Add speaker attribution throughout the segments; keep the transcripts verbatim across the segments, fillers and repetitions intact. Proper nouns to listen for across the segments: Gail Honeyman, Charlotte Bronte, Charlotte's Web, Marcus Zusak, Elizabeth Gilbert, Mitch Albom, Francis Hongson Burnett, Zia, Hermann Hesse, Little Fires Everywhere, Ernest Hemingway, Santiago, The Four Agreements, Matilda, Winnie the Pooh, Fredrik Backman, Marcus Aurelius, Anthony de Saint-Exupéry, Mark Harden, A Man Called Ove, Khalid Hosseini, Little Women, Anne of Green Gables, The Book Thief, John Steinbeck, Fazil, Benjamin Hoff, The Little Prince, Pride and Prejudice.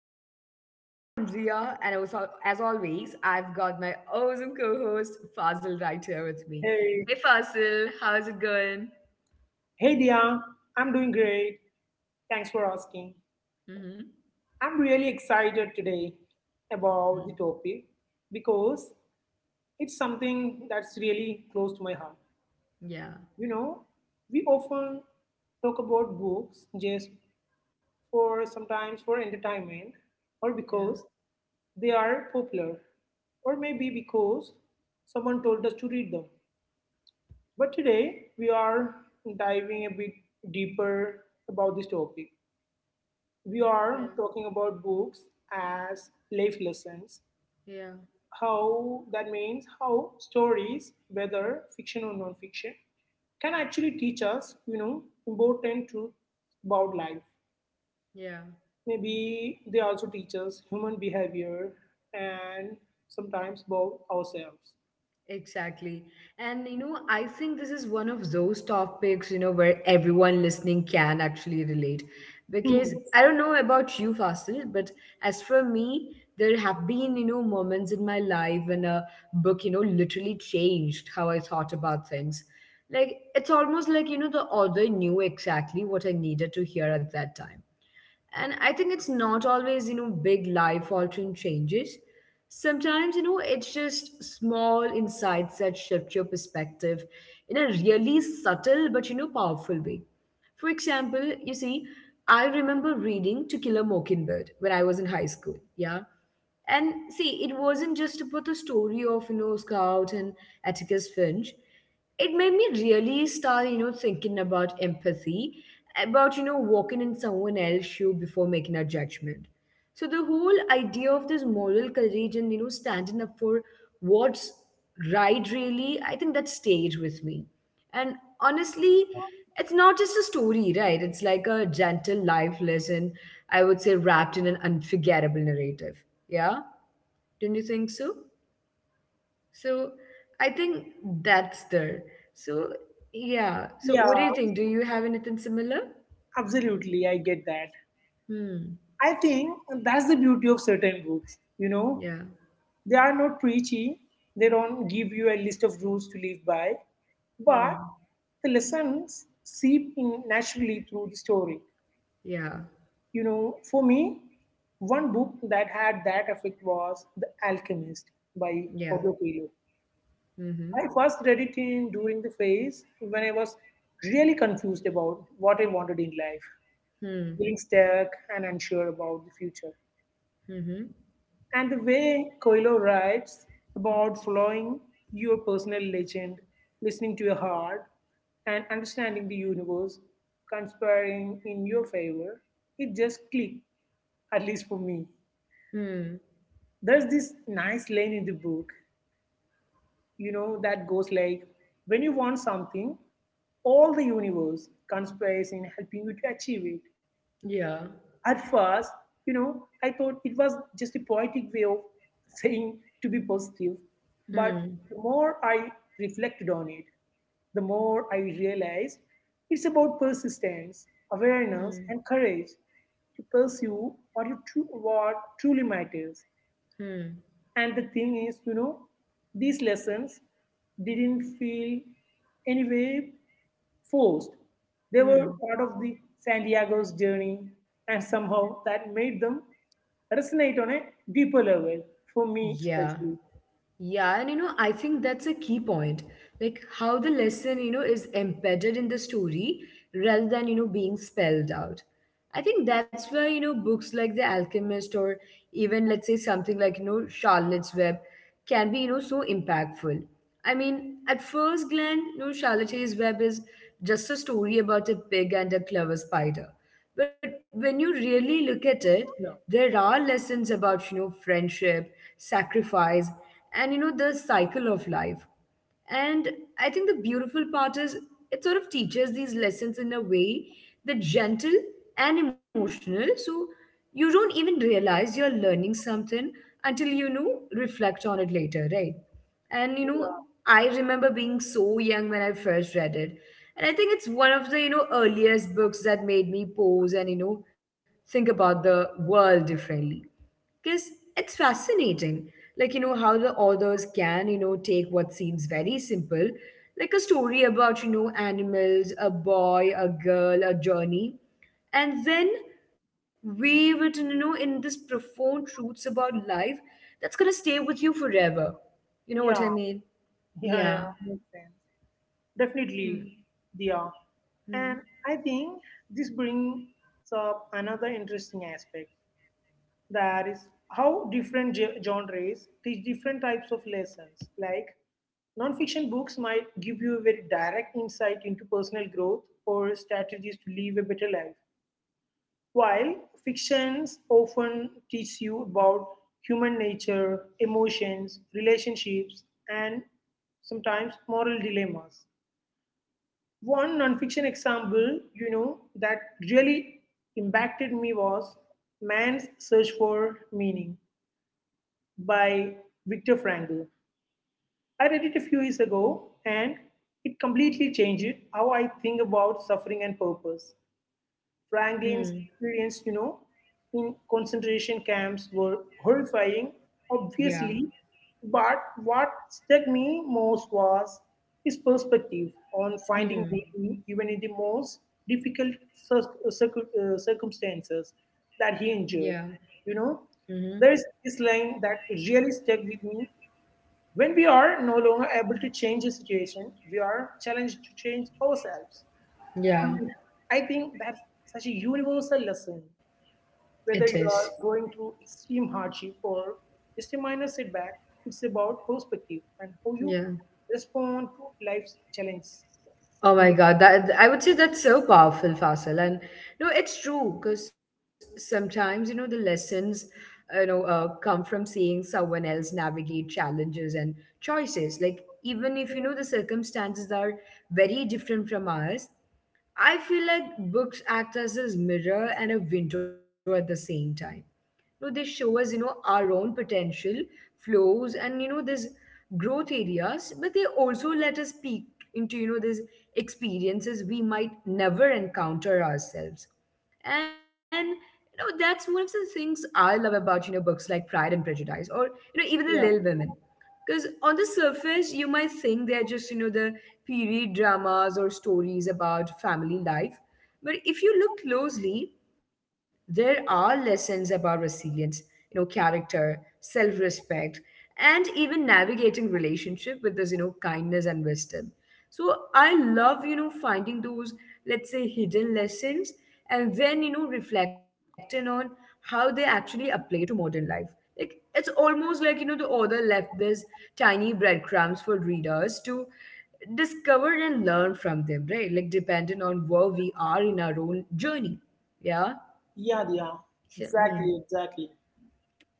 Speaker 1: podcast. I am Zia, and also, as always, I've got my awesome co host Fazil right here with me.
Speaker 2: Hey,
Speaker 1: Hey Fazil, how's it going?
Speaker 2: hey Dia, I'm doing great. Thanks for asking.
Speaker 1: Mm-hmm.
Speaker 2: I'm really excited today about the topic because it's something that's really close to my heart.
Speaker 1: Yeah,
Speaker 2: You know, we often talk about books just for sometimes for entertainment or
Speaker 1: yeah,
Speaker 2: because they are popular or maybe because someone told us to read them. But today we are diving a bit deeper about this topic we are
Speaker 1: yeah,
Speaker 2: talking about books as life lessons.
Speaker 1: yeah,
Speaker 2: How that means how stories, whether fiction or non-fiction, can actually teach us, you know, important truth about life.
Speaker 1: yeah.
Speaker 2: Maybe they also teach us human behavior and sometimes about ourselves.
Speaker 1: Exactly. And you know, I think this is one of those topics, you know, where everyone listening can actually relate. Because
Speaker 2: Hmm.
Speaker 1: I don't know about you, Fasil, but as for me, there have been, you know, moments in my life when a book, you know, literally changed how I thought about things. Like, it's almost like, you know, the author knew exactly what I needed to hear at that time. And I think it's not always, you know, big life altering changes. Sometimes, you know, it's just small insights that shift your perspective in a really subtle but, you know, powerful way. For example, you see, I remember reading To Kill a Mockingbird when I was in high school. Yeah. And see, it wasn't just about the story of, you know, Scout and Atticus Finch. It made me really start, you know, thinking about empathy, about, you know, walking in someone else's shoe before making a judgment. So the whole idea of this moral courage and, you know, standing up for what's right really, I think that stayed with me. And honestly, it's not just a story, right? It's like a gentle life lesson, I would say, wrapped in an unforgettable narrative. Yeah, don't you think so? So I think that's there. So yeah. So what do
Speaker 2: Yeah,
Speaker 1: you think? Do you have anything similar?
Speaker 2: absolutely. I get that.
Speaker 1: Hmm.
Speaker 2: I think that's the beauty of certain books, you know.
Speaker 1: Yeah.
Speaker 2: They are not preachy, they don't give you a list of rules to live by, but
Speaker 1: Hmm.
Speaker 2: the lessons seep in naturally through the story.
Speaker 1: Yeah.
Speaker 2: You know, for me, one book that had that effect was The Alchemist by
Speaker 1: Yeah.
Speaker 2: Paulo Coelho.
Speaker 1: Mm-hmm.
Speaker 2: I first read it in during the phase when I was really confused about what I wanted in life,
Speaker 1: Hmm.
Speaker 2: feeling stuck and unsure about the future.
Speaker 1: Mm-hmm.
Speaker 2: And the way Coelho writes about following your personal legend, listening to your heart, and understanding the universe conspiring in your favor, it just clicked, at least for me.
Speaker 1: Hmm.
Speaker 2: There's this nice line in the book, you know, that goes like, when you want something, all the universe conspires in helping you to achieve it.
Speaker 1: Yeah.
Speaker 2: At first, you know, I thought it was just a poetic way of saying to be positive. But
Speaker 1: Hmm.
Speaker 2: the more I reflected on it, the more I realized it's about persistence, awareness,
Speaker 1: Hmm.
Speaker 2: and courage to pursue what you tru- what truly matters.
Speaker 1: Hmm.
Speaker 2: And the thing is, you know, these lessons didn't feel anyway forced. They were
Speaker 1: Hmm.
Speaker 2: part of the Santiago's journey, and somehow that made them resonate on a deeper level for me,
Speaker 1: Yeah.
Speaker 2: especially.
Speaker 1: Yeah, and you know, I think that's a key point. Like how the lesson, you know, is embedded in the story rather than, you know, being spelled out. I think that's why, you know, books like The Alchemist or even, let's say, something like, you know, Charlotte's Web can be, you know, so impactful. I mean, at first glance, you know, Charlotte's Web is just a story about a pig and a clever spider. But when you really look at it,
Speaker 2: Yeah,
Speaker 1: there are lessons about, you know, friendship, sacrifice, and, you know, the cycle of life. And I think the beautiful part is it sort of teaches these lessons in a way that gentle and emotional. So you don't even realize you're learning something until you know reflect on it later, right? And you know, I remember being so young when I first read it. And I think it's one of the, you know, earliest books that made me pause and, you know, think about the world differently. Because it's fascinating. Like, you know, how the authors can, you know, take what seems very simple, like a story about, you know, animals, a boy, a girl, a journey, and then weave it in, you know, in this profound truths about life that's gonna stay with you forever. You know what I
Speaker 2: yeah,
Speaker 1: mean?
Speaker 2: yeah, yeah.
Speaker 1: Yeah.
Speaker 2: Makes sense. Definitely,
Speaker 1: Hmm.
Speaker 2: yeah. And
Speaker 1: Hmm.
Speaker 2: I think this brings up another interesting aspect. That is how different ge- genres teach different types of lessons. Like nonfiction books might give you a very direct insight into personal growth or strategies to live a better life, while fictions often teach you about human nature, emotions, relationships, and sometimes moral dilemmas. One nonfiction example, you know, that really impacted me was Man's Search for Meaning by Viktor Frankl. I read it a few years ago and it completely changed how I think about suffering and purpose. Franklin's
Speaker 1: Hmm.
Speaker 2: experience, you know, in concentration camps were horrifying,
Speaker 1: Yeah.
Speaker 2: obviously, but what struck me most was his perspective on finding
Speaker 1: Hmm.
Speaker 2: meaning even in the most difficult cir- circu- uh, circumstances that
Speaker 1: Yeah.
Speaker 2: he endured. You know,
Speaker 1: Mm-hmm.
Speaker 2: there is this line that really stuck with me, when we are no longer able to change the situation, we are challenged to change ourselves.
Speaker 1: Yeah.
Speaker 2: And I think that's such a universal lesson.
Speaker 1: It is.
Speaker 2: Whether you are going through extreme hardship or just a minor setback, it's about perspective and how you
Speaker 1: Yeah.
Speaker 2: respond to life's challenges.
Speaker 1: Oh my God, that I would say that's so powerful, Faisal. And no, it's true because sometimes you know the lessons, you know, uh, come from seeing someone else navigate challenges and choices. Like even if you know the circumstances are very different from ours, I feel like books act as this mirror and a window at the same time. You know, they show us, you know, our own potential, flows, and you know, this growth areas, but they also let us peek into, you know, these experiences we might never encounter ourselves. And you know, that's one of the things I love about, you know, books like Pride and Prejudice or, you know, even the
Speaker 2: Yeah,
Speaker 1: Little Women. Because on the surface, you might think they're just, you know, the period dramas or stories about family life. But if you look closely, there are lessons about resilience, you know, character, self respect, and even navigating relationship with this, you know, kindness and wisdom. So I love, you know, finding those, let's say, hidden lessons and then, you know, reflecting on how they actually apply to modern life like, it's almost like, you know, the author left these tiny breadcrumbs for readers to discover and learn from them, right? Like, depending on where we are in our own journey. Yeah.
Speaker 2: yeah,
Speaker 1: So,
Speaker 2: yeah.
Speaker 1: hmm,
Speaker 2: Exactly, exactly.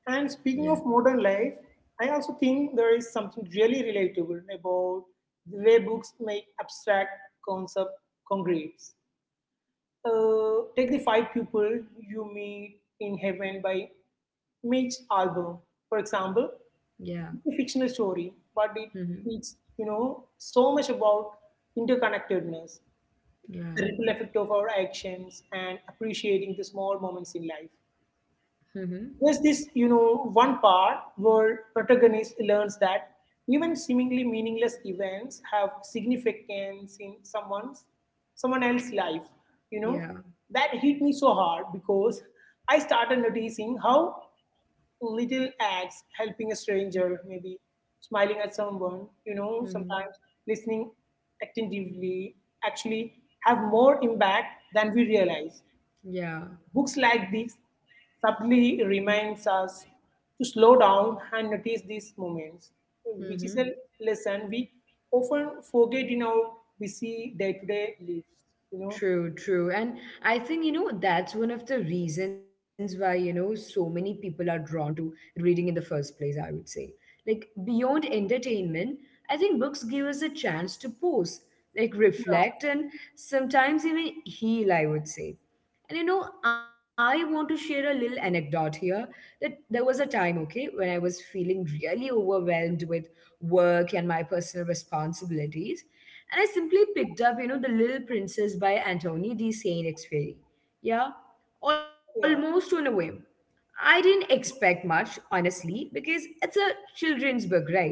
Speaker 2: And
Speaker 1: yeah.
Speaker 2: speaking of modern life, I also think there is something really relatable about the way books make abstract concept concrete. Uh, take the five people you meet in heaven by Mitch Albom, for example.
Speaker 1: Yeah.
Speaker 2: It's a fictional story, but it
Speaker 1: Hmm.
Speaker 2: teaches you know so much about interconnectedness,
Speaker 1: Yeah.
Speaker 2: the ripple effect of our actions, and appreciating the small moments in life.
Speaker 1: Hmm. Hmm.
Speaker 2: There's this, you know, one part where protagonist learns that even seemingly meaningless events have significance in someone's someone else's life. You know,
Speaker 1: Yeah.
Speaker 2: that hit me so hard because I started noticing how little acts helping a stranger, maybe smiling at someone, you know,
Speaker 1: Hmm. Hmm.
Speaker 2: sometimes listening attentively actually have more impact than we realize.
Speaker 1: Yeah.
Speaker 2: Books like this subtly reminds us to slow down and notice these moments,
Speaker 1: Hmm.
Speaker 2: which is
Speaker 1: Hmm.
Speaker 2: a lesson we often forget in our busy day-to-day lives. You know,
Speaker 1: True, true. And I think, you know, that's one of the reasons why, you know, so many people are drawn to reading in the first place, I would say. Like, beyond entertainment, I think books give us a chance to pause, like, reflect, and sometimes even heal, I would say. And, you know, I want to share a little anecdote here that there was a time, okay, when I was feeling really overwhelmed with work and my personal responsibilities. And I simply picked up, you know, The Little Princess by Anthony de Saint-Exupéry. Yeah, almost on
Speaker 2: yeah,
Speaker 1: a whim. I didn't expect much, honestly, because it's a children's book, right?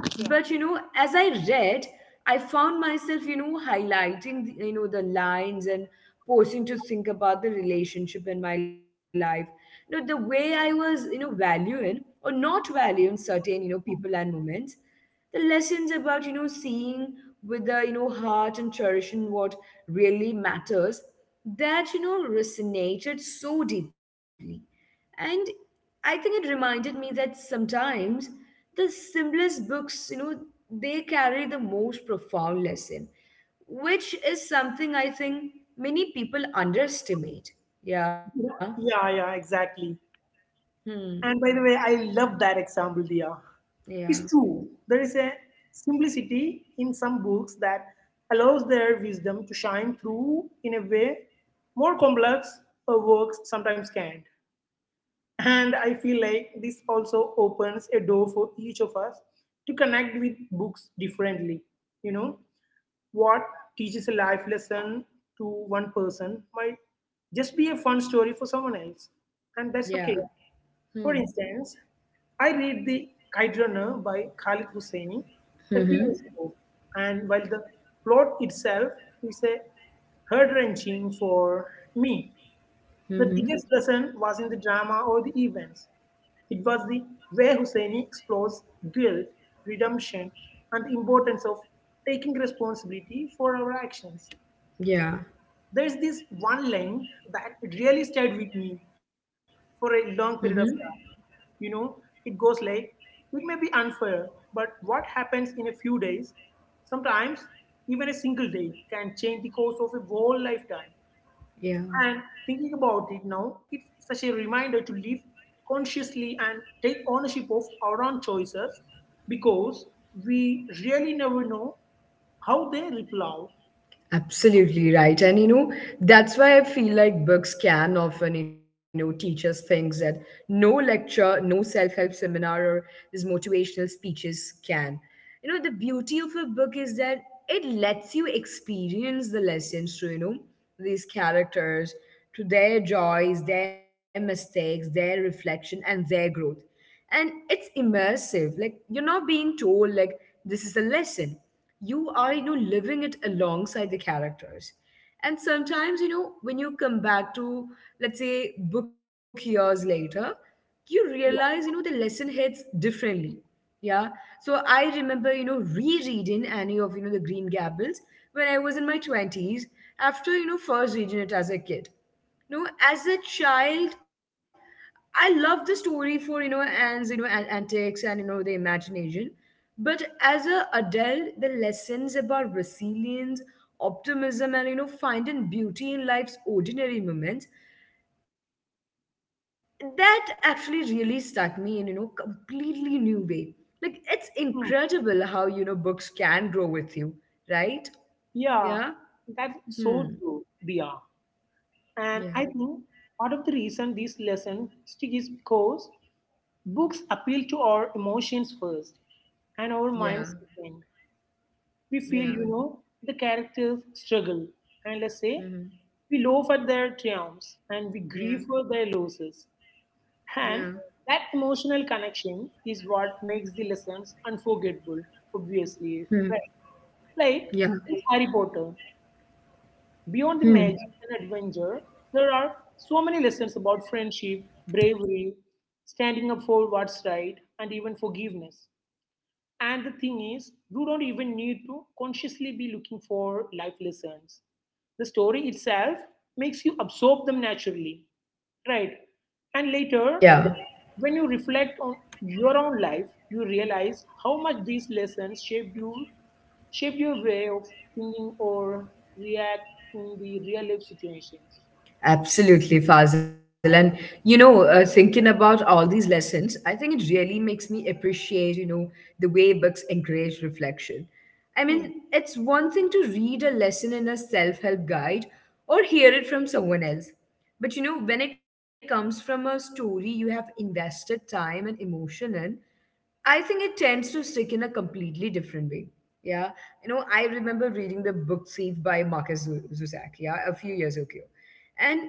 Speaker 1: But
Speaker 2: yeah,
Speaker 1: you know, as I read, I found myself, you know, highlighting, the- you know, the lines and pausing to think about the relationship in my life. You know, the way I was, you know, valuing or not valuing certain, you know, people and moments the lessons about you know seeing with the you know heart and cherishing what really matters that you know resonated so deeply and I think it reminded me that sometimes the simplest books you know they carry the most profound lesson, which is something I think many people underestimate. Yeah.
Speaker 2: yeah, yeah, yeah, exactly.
Speaker 1: Hmm.
Speaker 2: And by the way, I love that example, Dia.
Speaker 1: Yeah.
Speaker 2: It's true. There is a simplicity in some books that allows their wisdom to shine through in a way more complex uh, works sometimes can't. And I feel like this also opens a door for each of us to connect with books differently. You know, what teaches a life lesson to one person might just be a fun story for someone else. And that's okay.
Speaker 1: Yeah.
Speaker 2: For
Speaker 1: Hmm.
Speaker 2: instance, I read The Kite Runner by Khalid Hosseini a few
Speaker 1: Hmm.
Speaker 2: years ago. And while the plot itself is a heart wrenching for me, the
Speaker 1: Hmm.
Speaker 2: biggest lesson was in the drama or the events. It was the way Husseini explores guilt, redemption, and the importance of taking responsibility for our actions.
Speaker 1: Yeah.
Speaker 2: There's this one line that really stayed with me for a
Speaker 1: Hmm.
Speaker 2: long period of time. You know, it goes like, it may be unfair, but what happens in a few days, sometimes even a single day, can change the course of a whole lifetime.
Speaker 1: Yeah.
Speaker 2: And thinking about it now, it's such a reminder to live consciously and take ownership of our own choices because we really never know how they ripple out.
Speaker 1: Absolutely right. And you know, that's why I feel like books can often, you know, teach us things that no lecture, no self help seminar, or these motivational speeches can. You know, the beauty of a book is that it lets you experience the lessons through, you know, these characters, to their joys, their mistakes, their reflection, and their growth. And it's immersive. Like, you're not being told, like, this is a lesson you are you know living it alongside the characters, and sometimes you know when you come back to, let's say, book years later, you realize you know the lesson hits differently. Yeah. So I remember you know rereading Annie of you know the Green Gables when I was in my twenties, after you know first reading it as a kid. No, as a child. I love the story for you know and you know and antics and you know the imagination. But as a adult, the lessons about resilience, optimism, and you know finding beauty in life's ordinary moments that actually really stuck me in you know completely new way. Like it's incredible how you know
Speaker 2: Hmm.
Speaker 1: books can grow with you, right? Yeah.
Speaker 2: Yeah,
Speaker 1: Hmm.
Speaker 2: that's so true, Dia.
Speaker 1: Yeah.
Speaker 2: And I think part of the reason these lessons stick is because books appeal to our emotions first and our
Speaker 1: Yeah.
Speaker 2: minds second. We feel,
Speaker 1: Yeah.
Speaker 2: you know, the characters struggle. And let's say
Speaker 1: Hmm.
Speaker 2: we laugh at their triumphs and we grieve for their
Speaker 1: Yeah.
Speaker 2: losses. And
Speaker 1: Yeah.
Speaker 2: that emotional connection is what makes the lessons unforgettable, obviously.
Speaker 1: Hmm.
Speaker 2: Right? Like in
Speaker 1: Yeah.
Speaker 2: Harry Potter, beyond the magic
Speaker 1: Hmm.
Speaker 2: and adventure, there are so many lessons about friendship, bravery, standing up for what's right, and even forgiveness. And the thing is, you don't even need to consciously be looking for life lessons. The story itself makes you absorb them naturally, right? And later,
Speaker 1: Yeah,
Speaker 2: when you reflect on your own life, you realize how much these lessons shaped you, shaped your way of thinking or react in the real life situations.
Speaker 1: absolutely, Fazil. And you know, uh, thinking about all these lessons, I think it really makes me appreciate, you know, the way books encourage reflection. I
Speaker 2: Hmm.
Speaker 1: mean, it's one thing to read a lesson in a self help guide or hear it from someone else. But you know, when it comes from a story you have invested time and emotion in, I think it tends to stick in a completely different way. Yeah. You know, I remember reading the book Thief by Marcus Zu- Zusak, yeah, a few years ago. And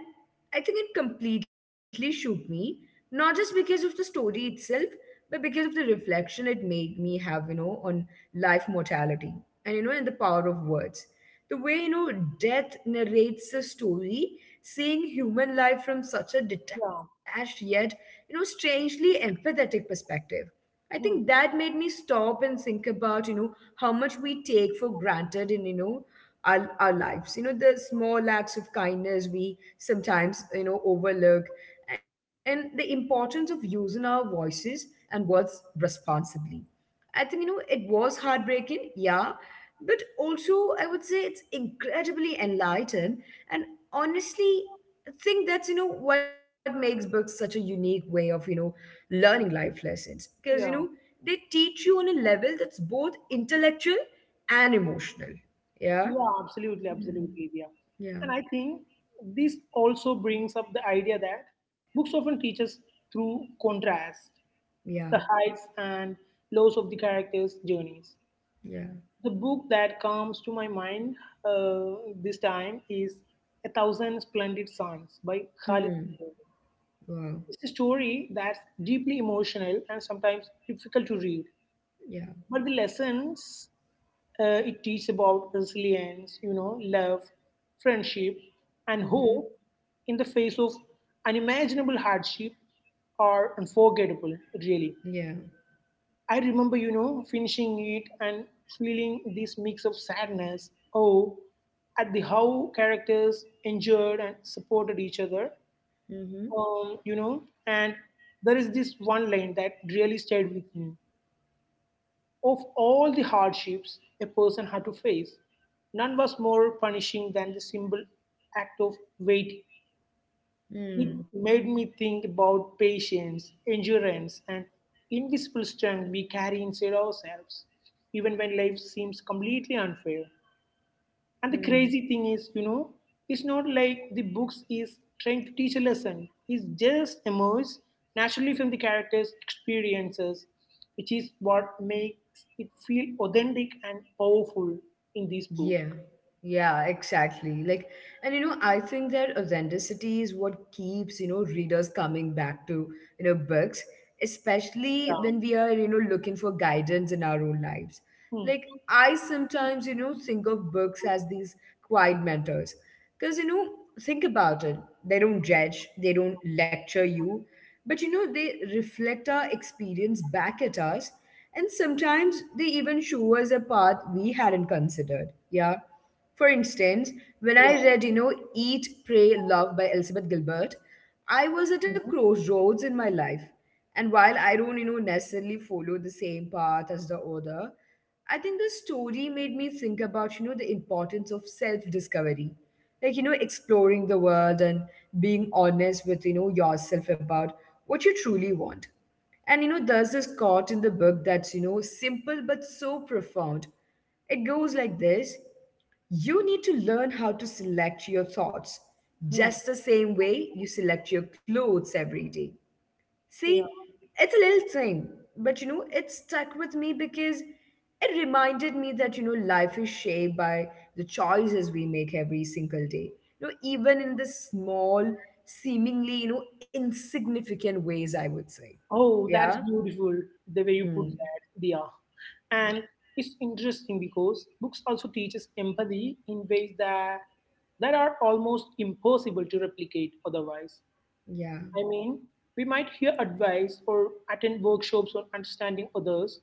Speaker 1: I think it completely shook me, not just because of the story itself, but because of the reflection it made me have, you know, on life mortality and, you know, and the power of words. The way, you know, death narrates the story, seeing human life from such a
Speaker 2: Yeah.
Speaker 1: detached yet, you know, strangely empathetic perspective. I think
Speaker 2: Hmm.
Speaker 1: that made me stop and think about, you know, how much we take for granted in, you know, our, our lives. You know, the small acts of kindness we sometimes, you know, overlook and the importance of using our voices and words responsibly. I think, you know, it was heartbreaking, yeah, but also I would say it's incredibly enlightened, and honestly I think that's you know what makes books such a unique way of you know learning life lessons, because you know
Speaker 2: Yeah.
Speaker 1: they teach you on a level that's both intellectual and emotional. Yeah.
Speaker 2: Yeah, absolutely,
Speaker 1: Mhm.
Speaker 2: absolutely, yeah.
Speaker 1: Yeah.
Speaker 2: And I think this also brings up the idea that books often teach us through contrast,
Speaker 1: Yeah.
Speaker 2: the heights and lows of the characters' journeys.
Speaker 1: Yeah.
Speaker 2: The book that comes to my mind uh, this time is A Thousand Splendid Suns by Khalid.
Speaker 1: Hmm.
Speaker 2: Gibran.
Speaker 1: Wow.
Speaker 2: It's a story that's deeply emotional and sometimes difficult to read.
Speaker 1: Yeah.
Speaker 2: But the lessons uh, it teaches about resilience, you know, love, friendship, and
Speaker 1: Mm-hmm.
Speaker 2: hope in the face of unimaginable hardship are unforgettable, really.
Speaker 1: Yeah.
Speaker 2: I remember, you know, finishing it and feeling this mix of sadness, oh, at the how characters endured and supported each other,
Speaker 1: Mm-hmm.
Speaker 2: um, you know, and there is this one line that really stayed with me. Of all the hardships a person had to face, none was more punishing than the simple act of waiting. It
Speaker 1: Mm.
Speaker 2: made me think about patience, endurance, and invisible strength we carry inside ourselves, even when life seems completely unfair. And the
Speaker 1: Mm.
Speaker 2: crazy thing is, you know, it's not like the books is trying to teach a lesson. It just emerges naturally from the characters' experiences, which is what makes it feel authentic and powerful in this book.
Speaker 1: Yeah, yeah, exactly. Like, and you know, I think that authenticity is what keeps, you know, readers coming back to, you know, books, especially
Speaker 2: Yeah.
Speaker 1: when we are, you know, looking for guidance in our own lives.
Speaker 2: Hmm.
Speaker 1: Like, I sometimes, you know, think of books as these quiet mentors. Because, you know, think about it. They don't judge, they don't lecture you, but, you know, they reflect our experience back at us and sometimes they even show us a path we hadn't considered. Yeah. For instance, when I
Speaker 2: Yeah.
Speaker 1: read, you know, Eat, Pray, Love by Elizabeth Gilbert, I was at a
Speaker 2: Mhm.
Speaker 1: crossroads in my life. And while I don't, you know, necessarily follow the same path as the author, I think the story made me think about, you know, the importance of self discovery. Like, you know, exploring the world and being honest with, you know, yourself about what you truly want. And you know, there's this quote in the book that's, you know, simple but so profound. It goes like this: you need to learn how to select your thoughts,
Speaker 2: Hmm.
Speaker 1: just the same way you select your clothes every day.
Speaker 2: Yeah.
Speaker 1: See, it's a little thing, but you know, it stuck with me because it reminded me that, you know, life is shaped by the choices we make every single day. You know, even in the small, seemingly, you know, insignificant ways, I would say.
Speaker 2: Oh,
Speaker 1: Yeah.
Speaker 2: that's beautiful the way you put
Speaker 1: Hmm.
Speaker 2: that, Dia.
Speaker 1: Yeah.
Speaker 2: And it's interesting because books also teaches empathy in ways that that are almost impossible to replicate otherwise.
Speaker 1: Yeah.
Speaker 2: I mean, we might hear advice or attend workshops on understanding others,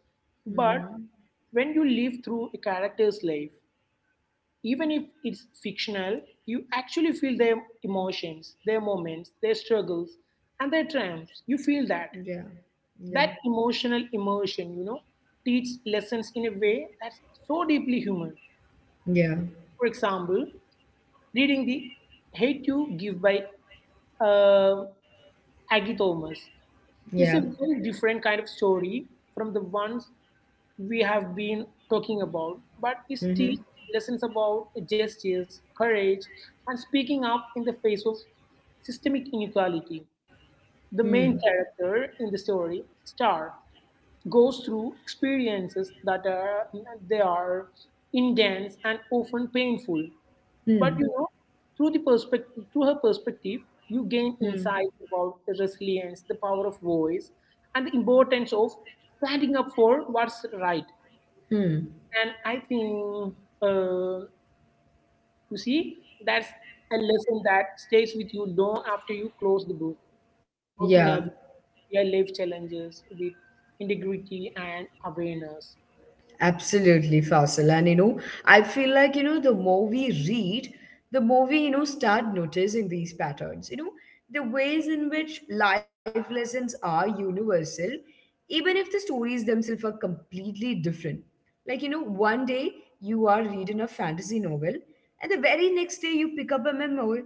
Speaker 2: but
Speaker 1: Mm-hmm.
Speaker 2: when you live through a character's life, even if it's fictional, you actually feel their emotions, their moments, their struggles, and their triumphs. You feel that.
Speaker 1: Yeah. Yeah.
Speaker 2: That emotional immersion, you know, teaches lessons in a way that's so deeply human.
Speaker 1: Yeah.
Speaker 2: For example, reading the Hate You Give by uh, Aggie Thomas.
Speaker 1: Yeah.
Speaker 2: It's a very different kind of story from the ones we have been talking about, but it teaches
Speaker 1: Mm-hmm.
Speaker 2: lessons about justice, courage, and speaking up in the face of systemic inequality. The
Speaker 1: Hmm.
Speaker 2: main character in the story, Star, goes through experiences that are they are intense and often painful. But you
Speaker 1: Hmm.
Speaker 2: know, through the perspective, through her perspective, you gain
Speaker 1: Hmm.
Speaker 2: insight about the resilience, the power of voice, and the importance of standing up for what's right.
Speaker 1: Hmm.
Speaker 2: And I think uh, you see that's a lesson that stays with you long after you close the book. How to
Speaker 1: Yeah.
Speaker 2: navigate real life challenges with integrity and awareness.
Speaker 1: Absolutely, Faisal. And you know, I feel like, you know, the more we read, the more we, you know, start noticing these patterns. You know, the ways in which life lessons are universal, even if the stories themselves are completely different. Like, you know, one day you are reading a fantasy novel, and the very next day you pick up a memoir,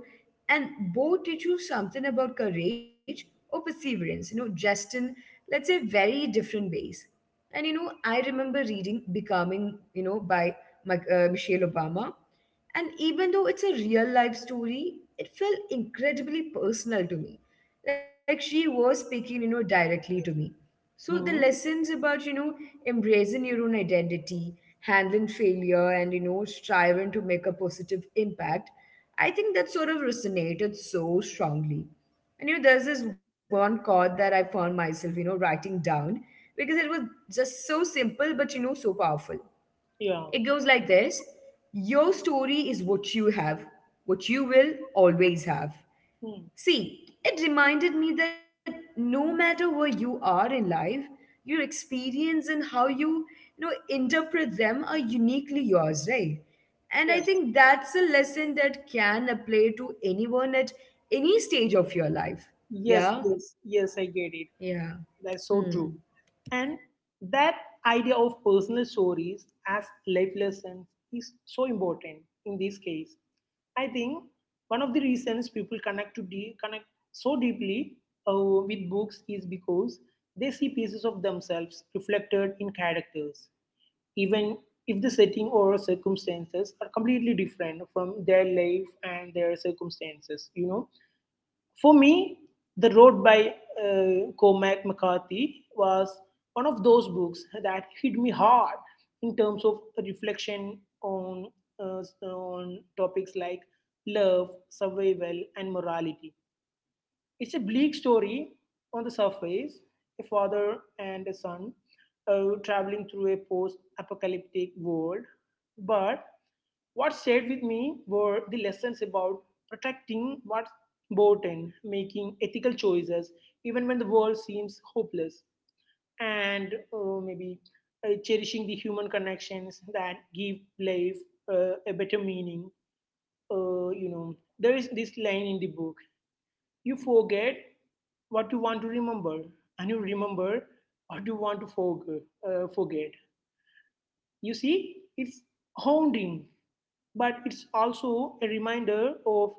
Speaker 1: and both teach you something about courage or perseverance, you know, just in, let's say, very different ways. And you know, I remember reading Becoming, you know, by Mc- uh, Michelle Obama. And even though it's a real life story, it felt incredibly personal to me. Like she was speaking, you know, directly to me. So the
Speaker 2: Hmm.
Speaker 1: lessons about, you know, embracing your own identity, handling failure, and, you know, striving to make a positive impact, I think that sort of resonated so strongly. And you know, there's this one chord that I found myself, you know, writing down because it was just so simple, but you know, so powerful.
Speaker 2: Yeah.
Speaker 1: It goes like this: your story is what you have, what you will always have.
Speaker 2: Hmm.
Speaker 1: See, it reminded me that no matter where you are in life, your experience and how you, you know, interpret them are uniquely yours, right? And
Speaker 2: Yeah.
Speaker 1: I think that's a lesson that can apply to anyone at any stage of your life.
Speaker 2: Yes.
Speaker 1: Yeah?
Speaker 2: Yes. Yes. I get it.
Speaker 1: Yeah.
Speaker 2: That's
Speaker 1: Hmm.
Speaker 2: so true. And that idea of personal stories as life lessons is so important in this case. I think one of the reasons people connect to de- connect so deeply uh, with books is because they see pieces of themselves reflected in characters, even if the setting or circumstances are completely different from their life and their circumstances. You know, for me, The Road by uh, Cormac McCarthy was one of those books that hit me hard in terms of reflection on, uh, on topics like love, survival, and morality. It's a bleak story on the surface, a father and a son uh, traveling through a post apocalyptic world, but what stayed with me were the lessons about protecting what's important, making ethical choices, even when the world seems hopeless, and uh, maybe uh, cherishing the human connections that give life uh, a better meaning. Uh, you know, there is this line in the book: you forget what you want to remember, and you remember what you want to forg- uh, forget. You see, it's haunting, but it's also a reminder of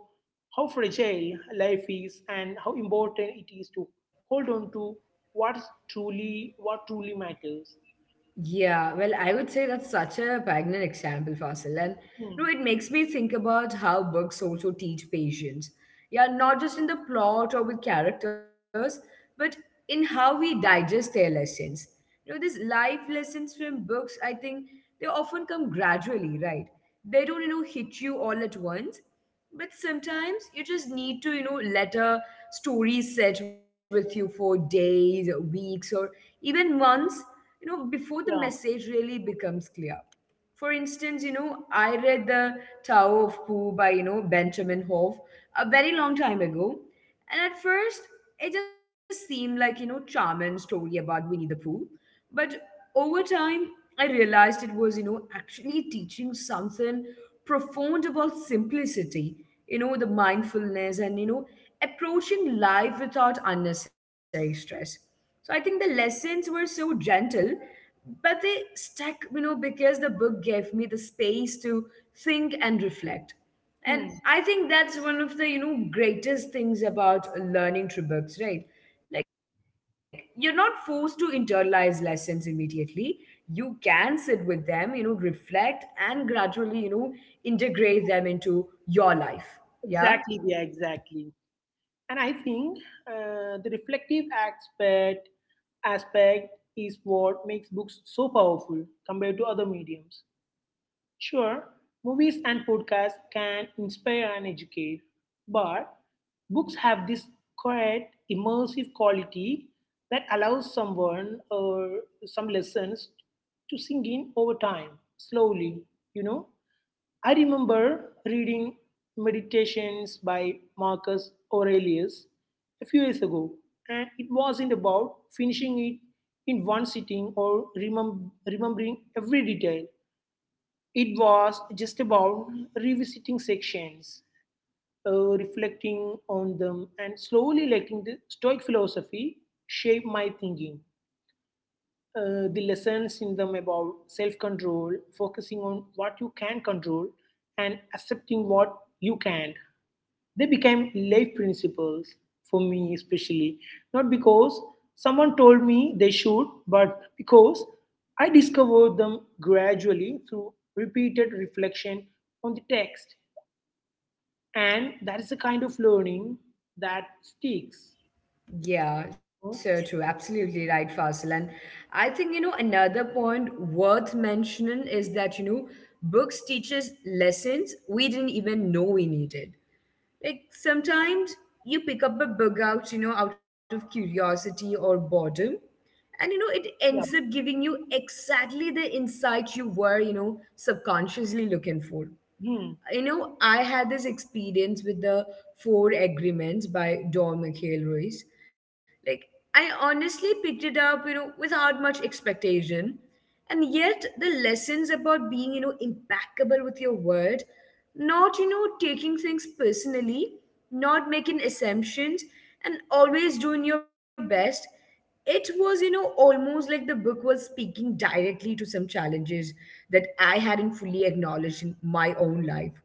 Speaker 2: how fragile life is and how important it is to hold on to what's truly what truly matters.
Speaker 1: Yeah, well, I would say that's such a poignant example, Fasil. And you know,
Speaker 2: Hmm.
Speaker 1: it makes me think about how books also teach patience. Yeah, not just in the plot or with characters, but in how we digest their lessons. You know, these life lessons from books, I think they often come gradually, right? They don't, you know, hit you all at once. But sometimes you just need to, you know, let a story sit with you for days, or weeks, or even months, you know, before the
Speaker 2: Yeah.
Speaker 1: message really becomes clear. For instance, you know, I read The Tower of Pooh by, you know, Benjamin Hoff a very long time ago. And at first, it just seemed like, you know, charming story about Winnie the Pooh. But over time, I realized it was, you know, actually teaching something profound about simplicity, you know, the mindfulness and, you know, approaching life without unnecessary stress. So I think the lessons were so gentle, but they stuck, you know, because the book gave me the space to think and reflect. And
Speaker 2: Hmm.
Speaker 1: I think that's one of the, you know, greatest things about learning through books, right? Like you're not forced to internalize lessons immediately. You can sit with them, you know, reflect and gradually, you know, integrate them into your life. Yeah.
Speaker 2: Exactly. Yeah. Exactly. And I think uh, the reflective aspect aspect is what makes books so powerful compared to other mediums. Sure, movies and podcasts can inspire and educate, but books have this quiet, immersive quality that allows someone or some lessons to sink in over time, slowly, you know. I remember reading Meditations by Marcus Aurelius a few years ago, and it wasn't about finishing it in one sitting or remem- remembering every detail. It was just about revisiting sections, uh, reflecting on them, and slowly letting the Stoic philosophy shape my thinking, uh, the lessons in them about self control, focusing on what you can control, and accepting what you can't. They became life principles for me, especially not because someone told me they should, but because I discovered them gradually through repeated reflection on the text. And that is the kind of learning that sticks.
Speaker 1: Yeah, so
Speaker 2: You
Speaker 1: true. Absolutely right, Faisal. And I think, you know, another point worth mentioning is that, you know, books teaches lessons we didn't even know we needed. Like
Speaker 2: Yeah,
Speaker 1: sometimes you pick up a book out, you know, out of curiosity or boredom. And you know, it ends
Speaker 2: yeah,
Speaker 1: up giving you exactly the insight you were, you know, subconsciously looking for.
Speaker 2: hmm,
Speaker 1: you know, I had this experience with The Four Agreements by Don McHale. Like, I honestly picked it up, you know, without much expectation. And yet, the lessons about being, you know, impeccable with your word, not, you know, taking things personally, not making assumptions, and always doing your best, it was, you know, almost like the book was speaking directly to some challenges that I hadn't fully acknowledged in my own life.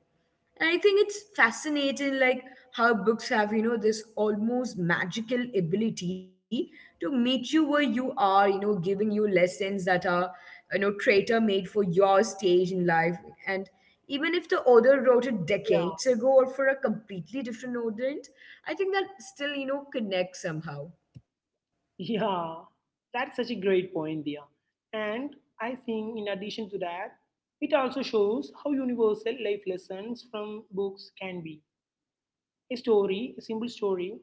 Speaker 1: And I think it's fascinating, like how books have, you know, this almost magical ability to meet you where you are, you know, giving you lessons that are, you know, traitor made for your stage in life. And even if the author wrote it
Speaker 2: yeah.
Speaker 1: decades ago or for a completely different audience, I think that still, you know, connects somehow.
Speaker 2: Yeah, that's such a great point, Dia. And I think, in addition to that, it also shows how universal life lessons from books can be. A story, a simple story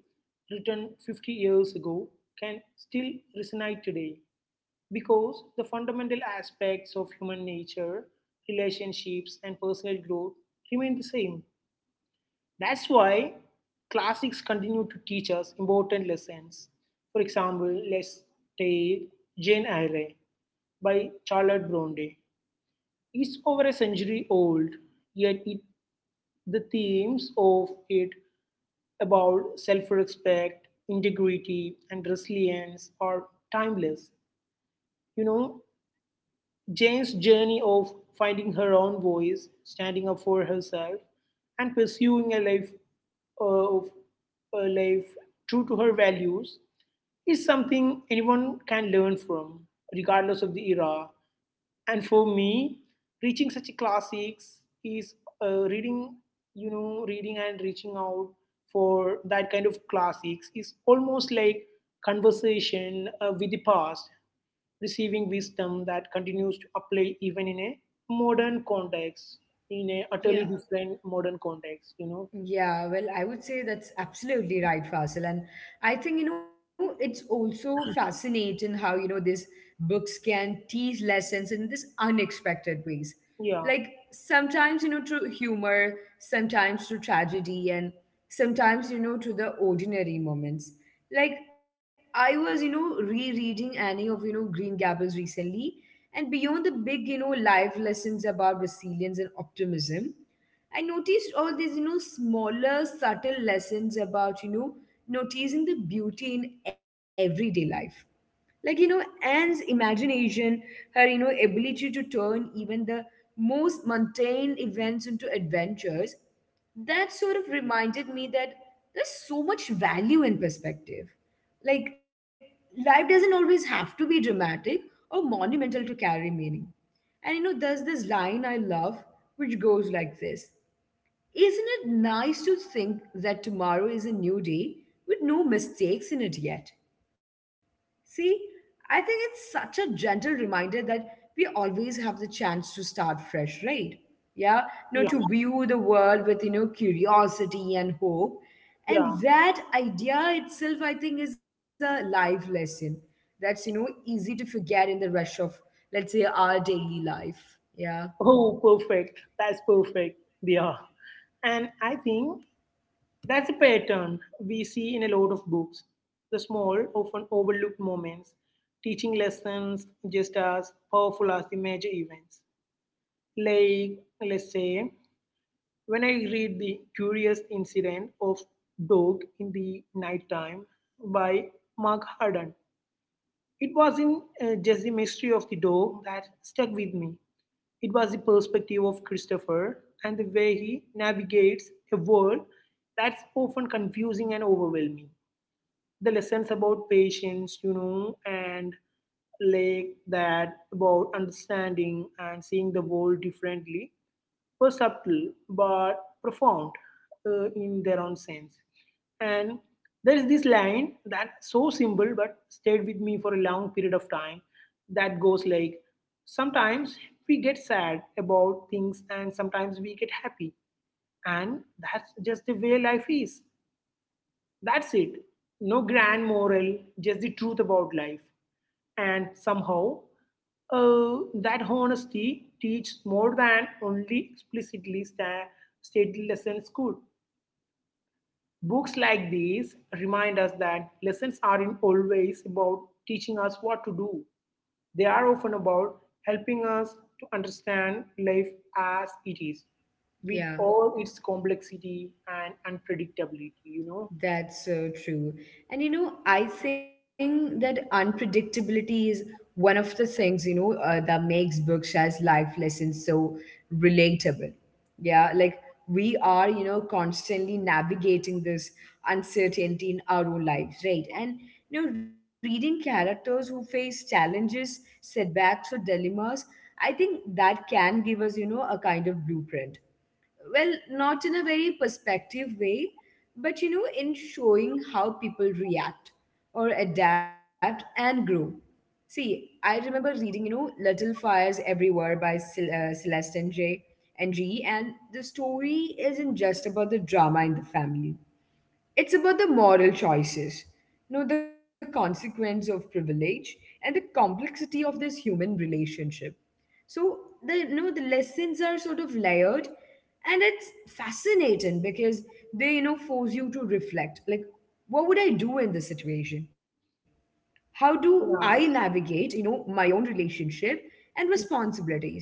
Speaker 2: written fifty years ago can still resonate today because the fundamental aspects of human nature, relationships, and personal growth remain the same. That's why classics continue to teach us important lessons. For example, let's take Jane Eyre by Charlotte Bronte. It's over a century old, yet it, the themes of it about self respect, integrity, and resilience are timeless. You know, Jane's journey of finding her own voice, standing up for herself, and pursuing a life uh, of a life true to her values is something anyone can learn from, regardless of the era. And for me, reaching such a classics is uh, reading, you know, reading and reaching out for that kind of classics is almost like conversation uh, with the past, receiving wisdom that continues to apply even in a modern context, in a utterly
Speaker 1: Yeah.
Speaker 2: different modern context, you know?
Speaker 1: Yeah, well, I would say that's absolutely right, Fasil. And I think, you know, it's also fascinating how, you know, these books can teach lessons in this unexpected ways.
Speaker 2: Yeah,
Speaker 1: Like sometimes, you know, through humor, sometimes through tragedy, and sometimes, you know, through the ordinary moments. Like I was, you know, rereading Annie of, you know, Green Gables recently, and beyond the big, you know, life lessons about resilience and optimism, I noticed all these, you know, smaller, subtle lessons about, you know, noticing the beauty in everyday life. Like you know Anne's imagination, her you know ability to turn even the most mundane events into adventures, that sort of reminded me that there's so much value in perspective. Like, life doesn't always have to be dramatic or monumental to carry meaning. And you know there's this line I love, which goes like this: isn't it nice to think that tomorrow is a new day with no mistakes in it yet? See, I think it's such a gentle reminder that we always have the chance to start fresh, right? Yeah,
Speaker 2: yeah,
Speaker 1: you know, to view the world with, you know, curiosity and hope.
Speaker 2: yeah.
Speaker 1: And that idea itself, I think, is a life lesson that's, you know, easy to forget in the rush of, let's say, our daily life. Yeah,
Speaker 2: Oh, perfect. That's perfect. Yeah. And I think that's a pattern we see in a lot of books: the small, often overlooked moments teaching lessons just as powerful as the major events. Like, let's say, when I read The Curious Incident of Dog in the Nighttime by Mark Harden, it wasn't uh, just the mystery of the dog that stuck with me. It was the perspective of Christopher and the way he navigates a world that's often confusing and overwhelming. The lessons about patience, you know, and like that, about understanding and seeing the world differently, were subtle but profound uh, in their own sense. And there is this line that's so simple but stayed with me for a long period of time, that goes like, sometimes we get sad about things and sometimes we get happy. And that's just the way life is. That's it. No grand moral, just the truth about life. And somehow, uh, that honesty teaches more than only explicitly sta- stated lessons could. Books like these remind us that lessons aren't always about teaching us what to do, they are often about helping us to understand life as it is, with
Speaker 1: yeah.
Speaker 2: all its complexity and unpredictability, you know?
Speaker 1: That's so true. And you know, I think that unpredictability is one of the things, you know, uh, that makes books as life lessons so relatable. Yeah, like we are, you know, constantly navigating this uncertainty in our own lives, right? And, you know, reading characters who face challenges, setbacks, or dilemmas, I think that can give us, you know, a kind of blueprint. Well, not in a very perspective way, but you know, in showing how people react or adapt and grow. See, I remember reading, you know, Little Fires Everywhere by Cel- uh, Celeste and Jay and G, and the story isn't just about the drama in the family. It's about the moral choices, you know, the consequence of privilege and the complexity of this human relationship. So the you know the lessons are sort of layered, and it's fascinating because they you know force you to reflect, like, what would I do in this situation? How do I
Speaker 2: Yeah.
Speaker 1: navigate you know my own relationship and responsibilities?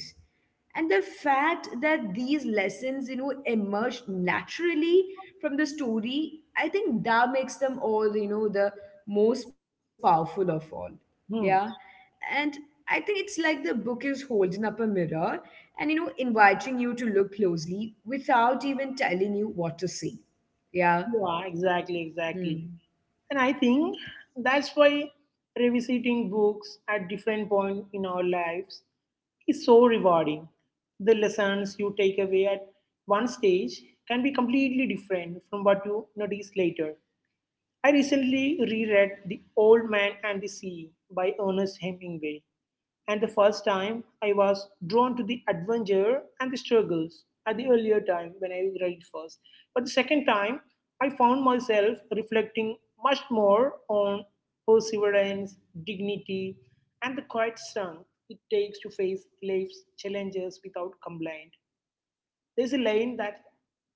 Speaker 1: And the fact that these lessons you know emerge naturally from the story, I think that makes them all you know the most powerful of all. Yeah.
Speaker 2: Hmm.
Speaker 1: And I think it's like the book is holding up a mirror and you know inviting you to look closely without even telling you what to see. Yeah.
Speaker 2: Yeah, exactly, exactly.
Speaker 1: Hmm.
Speaker 2: And I think that's why revisiting books at different point in our lives is so rewarding. The lessons you take away at one stage can be completely different from what you notice later. I recently reread The Old Man and the Sea by Ernest Hemingway, and the first time I was drawn to the adventure and the struggles at the earlier time when I read it first. But the second time, I found myself reflecting much more on perseverance, dignity, and the quiet strength it takes to face life's challenges without complaint. There's a line that's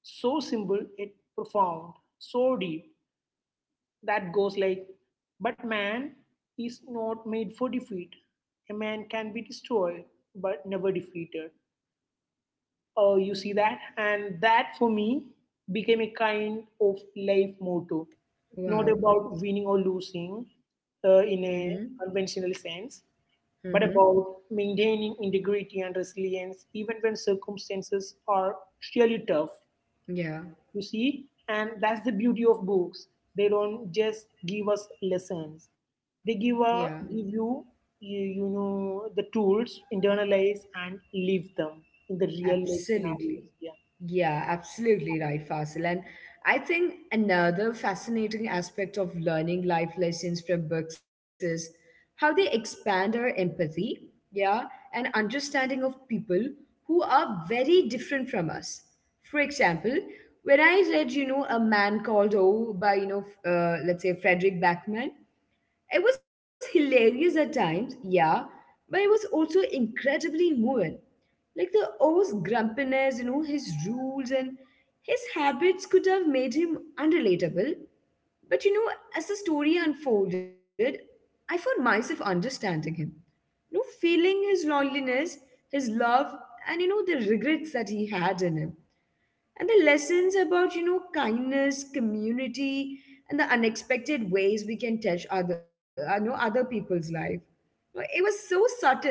Speaker 2: so simple yet profound, so deep, that goes like, but man is not made for defeat. A man can be destroyed, but never defeated. Oh, you see that? And that for me became a kind of life motto, not
Speaker 1: Wow.
Speaker 2: about winning or losing uh,
Speaker 1: Mm-hmm.
Speaker 2: in a conventional sense,
Speaker 1: Mm-hmm.
Speaker 2: but about maintaining integrity and resilience even when circumstances are really tough.
Speaker 1: Yeah,
Speaker 2: You see, and that's the beauty of books, they don't just give us lessons, they
Speaker 1: yeah,
Speaker 2: give a give you, you you know, the tools, internalize and live them in the real life scenarios.
Speaker 1: absolutely.
Speaker 2: Yeah.
Speaker 1: Yeah, absolutely right, Fasil. And I think another fascinating aspect of learning life lessons from books is how they expand our empathy, yeah, and understanding of people who are very different from us. For example, when I read, you know, A Man Called O by, you know, f- uh, let's say Frederick Backman, it was hilarious at times, yeah, but it was also incredibly moving. Like the O's grumpiness, you know, his rules and his habits could have made him unrelatable. But you know, as the story unfolded, I found myself understanding him. You know, feeling his loneliness, his love, and you know, the regrets that he had in him, and the lessons about you know kindness, community, and the unexpected ways we can touch other uh, know other people's life. Well, it was so subtle,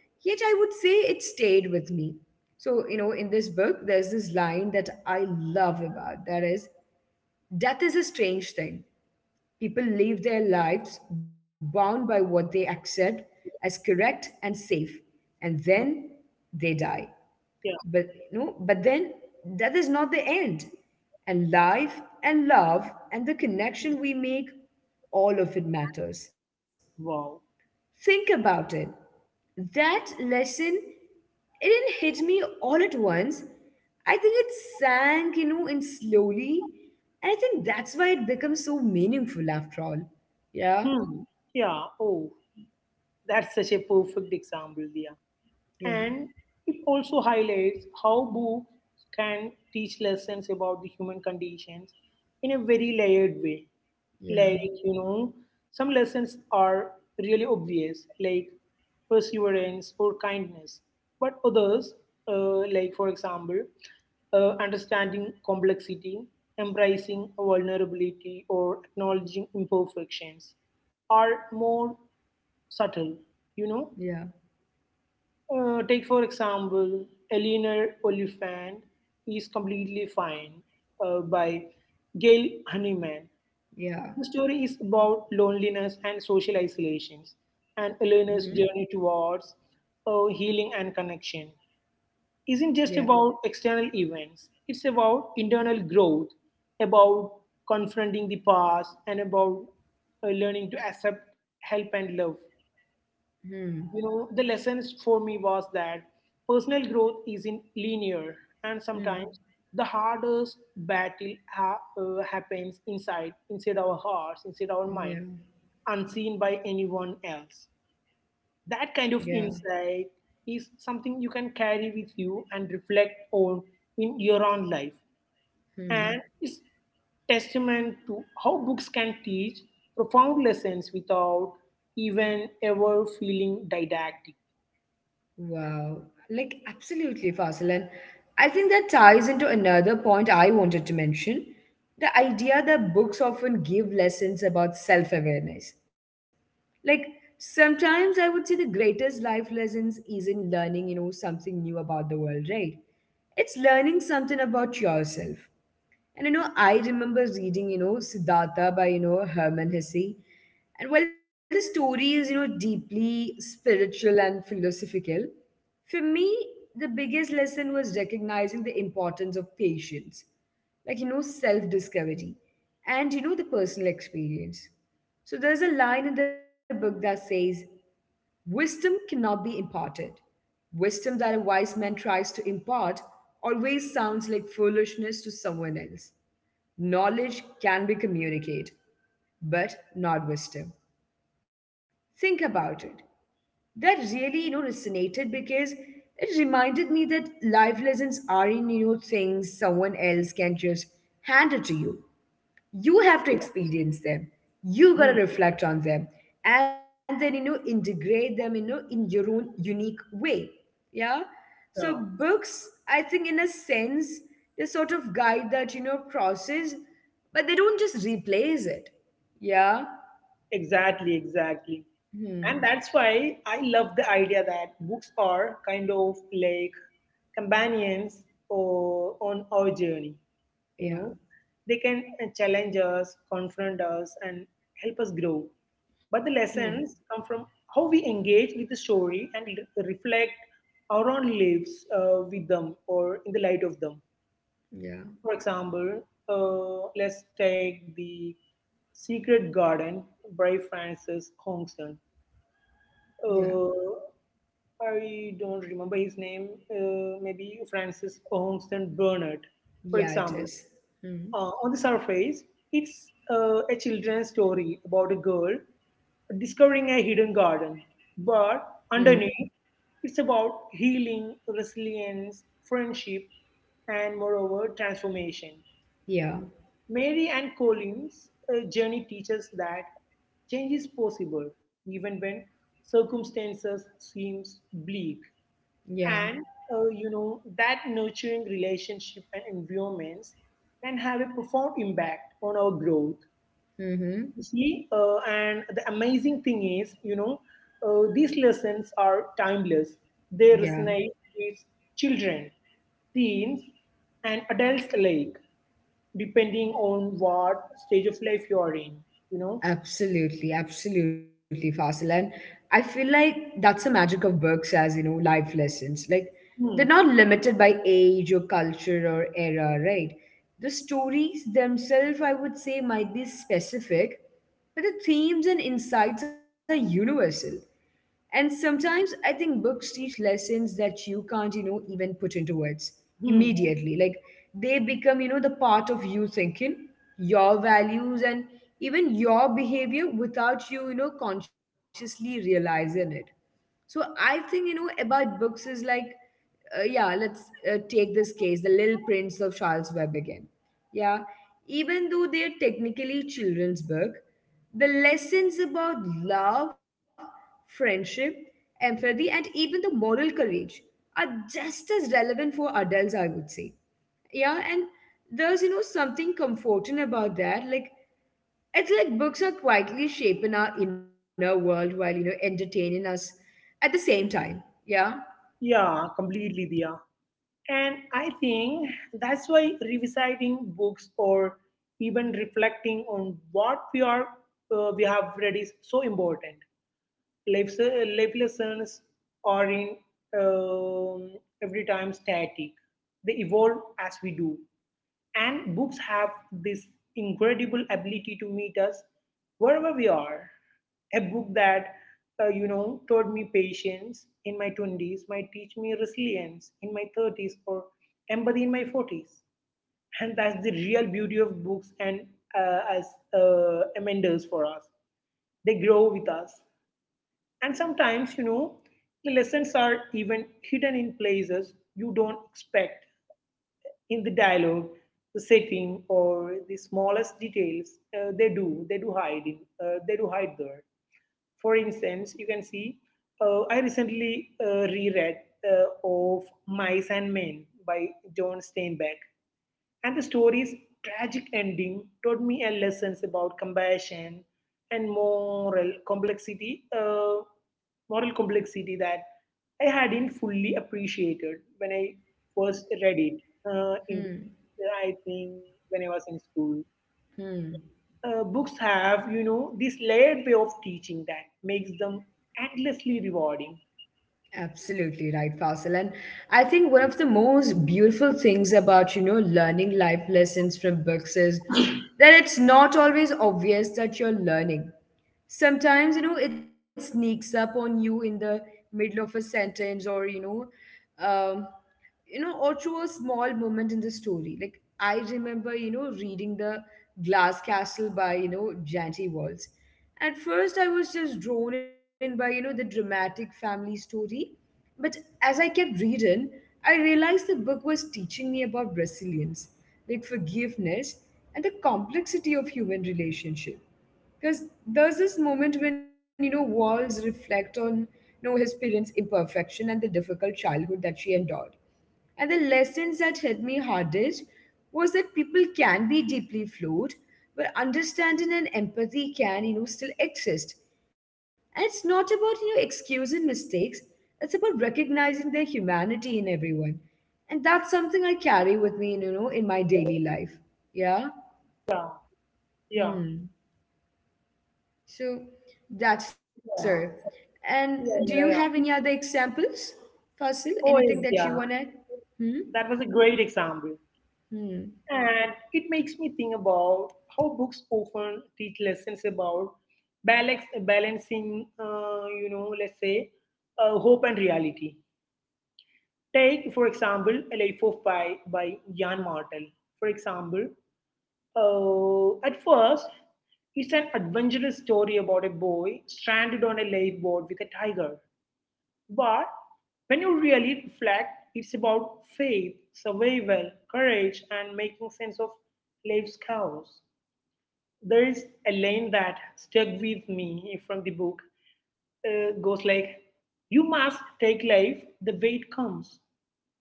Speaker 1: yet I would say it stayed with me. So you know in this book there's this line that I love about, that is: death is a strange thing. People live their lives bound by what they accept as correct and safe, and
Speaker 2: Mm.
Speaker 1: then they die.
Speaker 2: Yeah.
Speaker 1: But, no, but then, that is not the end. And life and love and the connection we make, all of it matters.
Speaker 2: Wow.
Speaker 1: Think about it. That lesson, it didn't hit me all at once. I think it sank, you know, in slowly. And I think that's why it becomes so meaningful after all. Yeah,
Speaker 2: Hmm. Yeah. Oh, that's such a perfect example. Yeah.
Speaker 1: yeah,
Speaker 2: And it also highlights how books can teach lessons about the human conditions in a very layered way.
Speaker 1: yeah,
Speaker 2: Like, you know, some lessons are really obvious, like perseverance or kindness. But others, uh, like, for example, uh, understanding complexity, embracing vulnerability, or acknowledging imperfections, are more subtle, you know.
Speaker 1: yeah,
Speaker 2: Uh, take, for example, Eleanor Oliphant is completely fine uh, by Gail Honeyman.
Speaker 1: yeah.
Speaker 2: The story is about loneliness and social isolations, and
Speaker 1: Mm-hmm.
Speaker 2: Eleanor's journey towards uh, healing and connection isn't just
Speaker 1: Yeah.
Speaker 2: about external events. It's about internal growth, about confronting the past, and about uh, learning to accept help and love.
Speaker 1: Hmm.
Speaker 2: You know, the lessons for me was that personal growth isn't linear, and
Speaker 1: Hmm.
Speaker 2: sometimes the hardest battle ha- uh, happens inside inside our hearts, inside our mind,
Speaker 1: Yeah.
Speaker 2: unseen by anyone else. That kind of
Speaker 1: Yeah.
Speaker 2: insight is something you can carry with you and reflect on in your own life,
Speaker 1: Hmm.
Speaker 2: and it's testament to how books can teach profound lessons without even ever feeling didactic.
Speaker 1: Wow, like absolutely, Fasil. And I think that ties into another point I wanted to mention, the idea that books often give lessons about self awareness. Like, sometimes I would say the greatest life lessons is in learning, you know, something new about the world, right? It's learning something about yourself. And you know, I remember reading, you know, Siddhartha by, you know, Herman Hesse. And while the story is, you know, deeply spiritual and philosophical, for me, the biggest lesson was recognizing the importance of patience, like, you know, self discovery and, you know, the personal experience. So there's a line in the book that says, "Wisdom cannot be imparted. Wisdom that a wise man tries to impart always sounds like foolishness to someone else. Knowledge can be communicated, but not wisdom." Think about it. That really, you know, resonated because it reminded me that life lessons aren't, you know, things someone else can just hand it to you. You have to experience them, you got to
Speaker 2: Hmm.
Speaker 1: reflect on them, and then you know integrate them, you know, in your own unique way. Yeah. So
Speaker 2: Yeah,
Speaker 1: books, I think, in a sense, they sort of guide that, you know, process, but they don't just replace it. Yeah.
Speaker 2: exactly, exactly.
Speaker 1: Hmm.
Speaker 2: And that's why I love the idea that books are kind of like companions or, on our journey. You
Speaker 1: Yeah.
Speaker 2: know, they can uh, challenge us, confront us, and help us grow. But the
Speaker 1: Hmm.
Speaker 2: lessons come from how we engage with the story and re- reflect our own lives uh, with them, or in the light of them.
Speaker 1: Yeah.
Speaker 2: For example, uh, let's take The Secret Garden by Francis Hongson.
Speaker 1: Yeah.
Speaker 2: Uh, I don't remember his name, uh, maybe Francis Hongson Burnett, for
Speaker 1: Yeah, it
Speaker 2: example.
Speaker 1: is. Hmm.
Speaker 2: Uh, on the surface, it's uh, a children's story about a girl discovering a hidden garden, but
Speaker 1: Hmm.
Speaker 2: underneath, it's about healing, resilience, friendship, and moreover, transformation.
Speaker 1: Yeah.
Speaker 2: Mary and Collins' uh, journey teaches that change is possible, even when circumstances seems bleak.
Speaker 1: Yeah.
Speaker 2: And uh, you know that nurturing relationship and environments can have a profound impact on our growth.
Speaker 1: Hmm.
Speaker 2: You see, uh, and the amazing thing is, you know, uh, these lessons are timeless. They
Speaker 1: Yeah.
Speaker 2: resonate with children, teens, and adults alike, depending on what stage of life you are in, you know.
Speaker 1: Absolutely, absolutely, Fasil. And I feel like that's the magic of books as, you know, life lessons. Like, they're
Speaker 2: Hmm.
Speaker 1: not limited by age or culture or era, right? The stories themselves, I would say, might be specific, but the themes and insights are universal. And sometimes I think books teach lessons that you can't, you know, even put into words
Speaker 2: Hmm.
Speaker 1: immediately. Like they become, you know, the part of you thinking, your values, and even your behavior without you, you know, consciously realizing it. So I think, you know, about books is like, uh, yeah, let's uh, take this case, The Little Prince of Charles Webb again. Yeah, even though they're technically children's book, the lessons about love, friendship, empathy, and even the moral courage are just as relevant for adults, I would say. Yeah, and there's, you know, something comforting about that. Like, it's like books are quietly shaping our inner world while, you know, entertaining us at the same time. Yeah.
Speaker 2: Yeah, completely, Dia. And I think that's why revisiting books, or even reflecting on what we are uh, we have read, is so important. Life, life lessons are, in um, every time, static. They evolve as we do. And books have this incredible ability to meet us wherever we are. A book that, uh, you know, taught me patience in my twenties might teach me resilience in my thirties or empathy in my forties. And that's the real beauty of books and uh, as uh, amenders for us. They grow with us. And sometimes, you know, the lessons are even hidden in places you don't expect: in the dialogue, the setting, or the smallest details. Uh, they do, they do hide in, uh, they do hide there. For instance, you can see uh, I recently uh, reread uh, of Mice and Men by John Steinbeck, and the story's tragic ending taught me a lessons about compassion and moral complexity, uh, moral complexity that I hadn't fully appreciated when I first read it. Uh, in
Speaker 1: Hmm.
Speaker 2: I think when I was in school,
Speaker 1: Hmm.
Speaker 2: uh, books have, you know, this layered way of teaching that makes them endlessly rewarding.
Speaker 1: Absolutely right, Faisal. And I think one of the most beautiful things about, you know, learning life lessons from books is that it's not always obvious that you're learning. Sometimes you know it sneaks up on you in the middle of a sentence, or you know, um, you know, or through a small moment in the story. Like I remember, you know, reading The Glass Castle by, you know, Janty Walls. At first I was just drawn in by, you know, the dramatic family story, but as I kept reading, I realized the book was teaching me about resilience, like forgiveness and the complexity of human relationship. Because there's this moment when, you know, Walls reflect on, you know, his parents imperfection and the difficult childhood that she endured. And the lessons that hit me hardest was that people can be deeply flawed, but understanding and empathy can, you know, still exist. And it's not about, you know, excusing mistakes, it's about recognizing their humanity in everyone. And that's something I carry with me in, you know, in my daily life. Yeah.
Speaker 2: Yeah, yeah,
Speaker 1: Hmm. So that's there.
Speaker 2: yeah,
Speaker 1: And do you
Speaker 2: yeah,
Speaker 1: have any
Speaker 2: yeah.
Speaker 1: other
Speaker 2: Yeah.
Speaker 1: examples, Fasil?
Speaker 2: Oh,
Speaker 1: Anything
Speaker 2: yes,
Speaker 1: that you
Speaker 2: yeah.
Speaker 1: wanna? Hmm.
Speaker 2: That was a great example.
Speaker 1: Hmm.
Speaker 2: And it makes me think about how books often teach lessons about balance, balancing, uh, you know, let's say, uh, hope and reality. Take, for example, A Life of Pi by Jan Martel, for example. Uh, at first, it's an adventurous story about a boy stranded on a lifeboat with a tiger. But when you really reflect, it's about faith, survival, courage, and making sense of life's chaos. There is a line that stuck with me from the book. Uh, goes like, "You must take life the way it comes.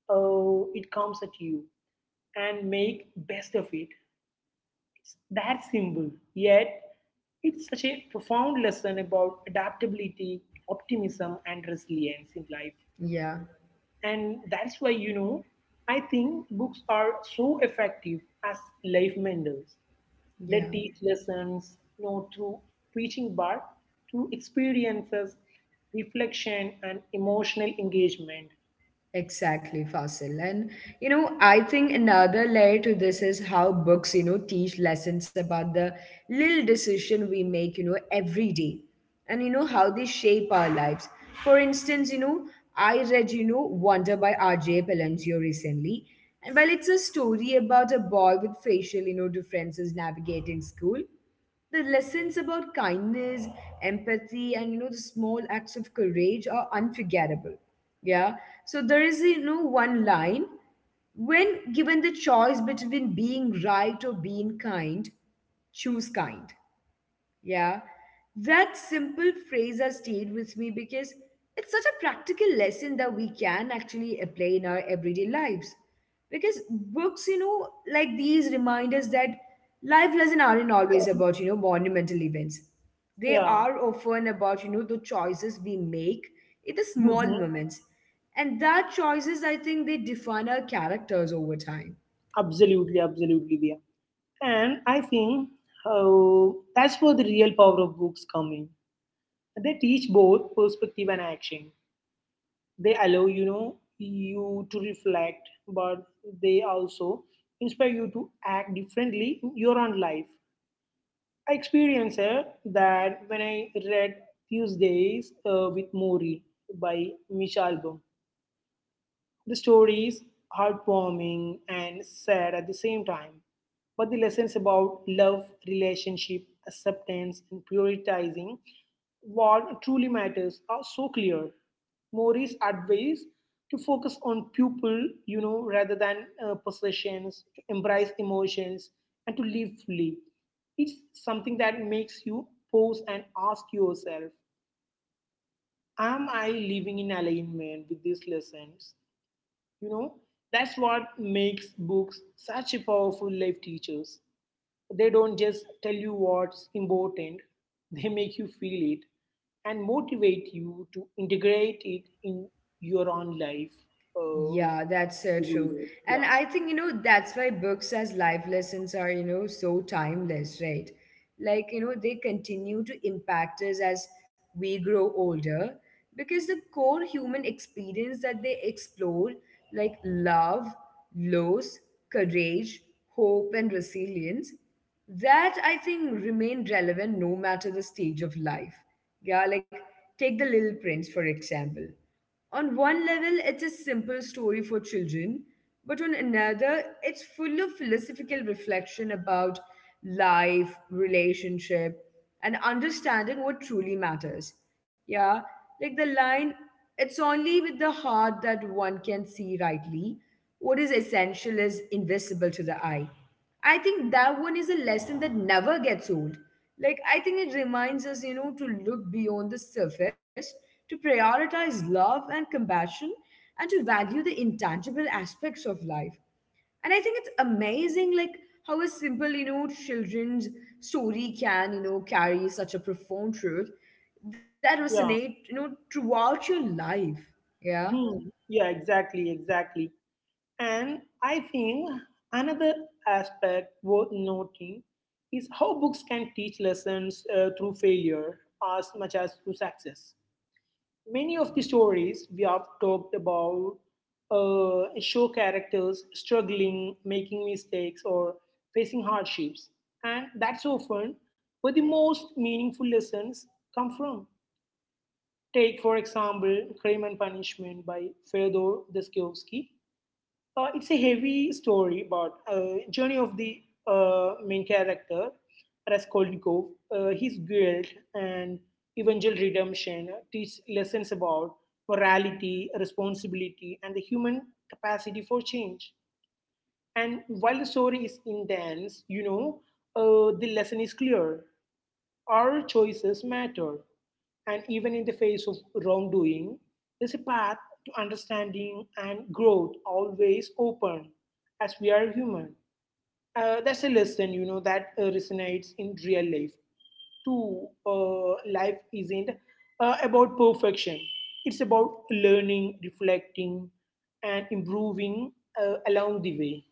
Speaker 2: Oh, it comes at you, and make best of it." that simple, yet it's such a profound lesson about adaptability, optimism, and resilience in life.
Speaker 1: Yeah.
Speaker 2: And that's why, you know, I think books are so effective as life mentors. They
Speaker 1: Yeah.
Speaker 2: teach lessons not through preaching but through experiences, reflection, and emotional engagement.
Speaker 1: Exactly, Fasil. And you know, I think another layer to this is how books, you know, teach lessons about the little decision we make, you know, every day. And you know how they shape our lives. For instance, you know, I read, you know, Wonder by R J. Palancio recently. And while it's a story about a boy with facial, you know, differences navigating school, the lessons about kindness, empathy, and you know, the small acts of courage are unforgettable. Yeah. So there is, you know, one line, when given the choice between being right or being kind, choose kind. Yeah, that simple phrase has stayed with me because it's such a practical lesson that we can actually apply in our everyday lives. Because books, you know, like these remind us that life lessons aren't always about, you know, monumental events. They
Speaker 2: Yeah.
Speaker 1: are often about, you know, the choices we make in the small
Speaker 2: Mhm.
Speaker 1: moments. And that choices, I think, they define our characters over time.
Speaker 2: Absolutely, absolutely, yeah. And I think uh, that's where the real power of books come in. They teach both perspective and action. They allow you know you to reflect, but they also inspire you to act differently in your own life. I experienced uh, that when I read Tuesdays uh, with Mori by Michelle Album. The story is heartwarming and sad at the same time, but the lessons about love, relationship, acceptance, and prioritizing what truly matters are so clear. Mori's advice to focus on people, you know, rather than uh, possessions, to embrace emotions, and to live fully. It's something that makes you pause and ask yourself, am I living in alignment with these lessons? You know, that's what makes books such a powerful life teachers. They don't just tell you what's important, they make you feel it and motivate you to integrate it in your own life. Uh,
Speaker 1: Yeah, that's so true.
Speaker 2: readers.
Speaker 1: And
Speaker 2: Yeah,
Speaker 1: I think, you know, that's why books as life lessons are, you know, so timeless, right? Like, you know, they continue to impact us as we grow older because the core human experience that they explore, like love, loss, courage, hope, and resilience, that I think remain relevant no matter the stage of life. Yeah, like take the Little Prince, for example. On one level, it's a simple story for children, but on another, it's full of philosophical reflection about life, relationship, and understanding what truly matters. Yeah, like the line, it's only with the heart that one can see rightly. What is essential is invisible to the eye. I think that one is a lesson that never gets old. Like, I think it reminds us, you know, to look beyond the surface, to prioritize love and compassion, and to value the intangible aspects of life. And I think it's amazing, like, how a simple, you know, children's story can, you know, carry such a profound truth that
Speaker 2: yeah,
Speaker 1: resonate, you know, throughout your life. Yeah.
Speaker 2: hmm, yeah, exactly, exactly. And I think another aspect worth noting is how books can teach lessons uh, through failure as much as through success. Many of the stories we have talked about uh, show characters struggling, making mistakes, or facing hardships. And that's often where the most meaningful lessons come from. Take, for example, Crime and Punishment by Fyodor Dostoevsky. Uh, it's a heavy story about uh, journey of the uh, main character, Raskolnikov, uh, his guilt and eventual redemption teach lessons about morality, responsibility, and the human capacity for change. And while the story is intense, you know, uh, the lesson is clear. Our choices matter, and even in the face of wrongdoing, there's a path to understanding and growth always open as we are human. Uh, that's a lesson, you know, that uh, resonates in real life too. Uh, life isn't uh, about perfection, it's about learning, reflecting, and improving uh, along the way.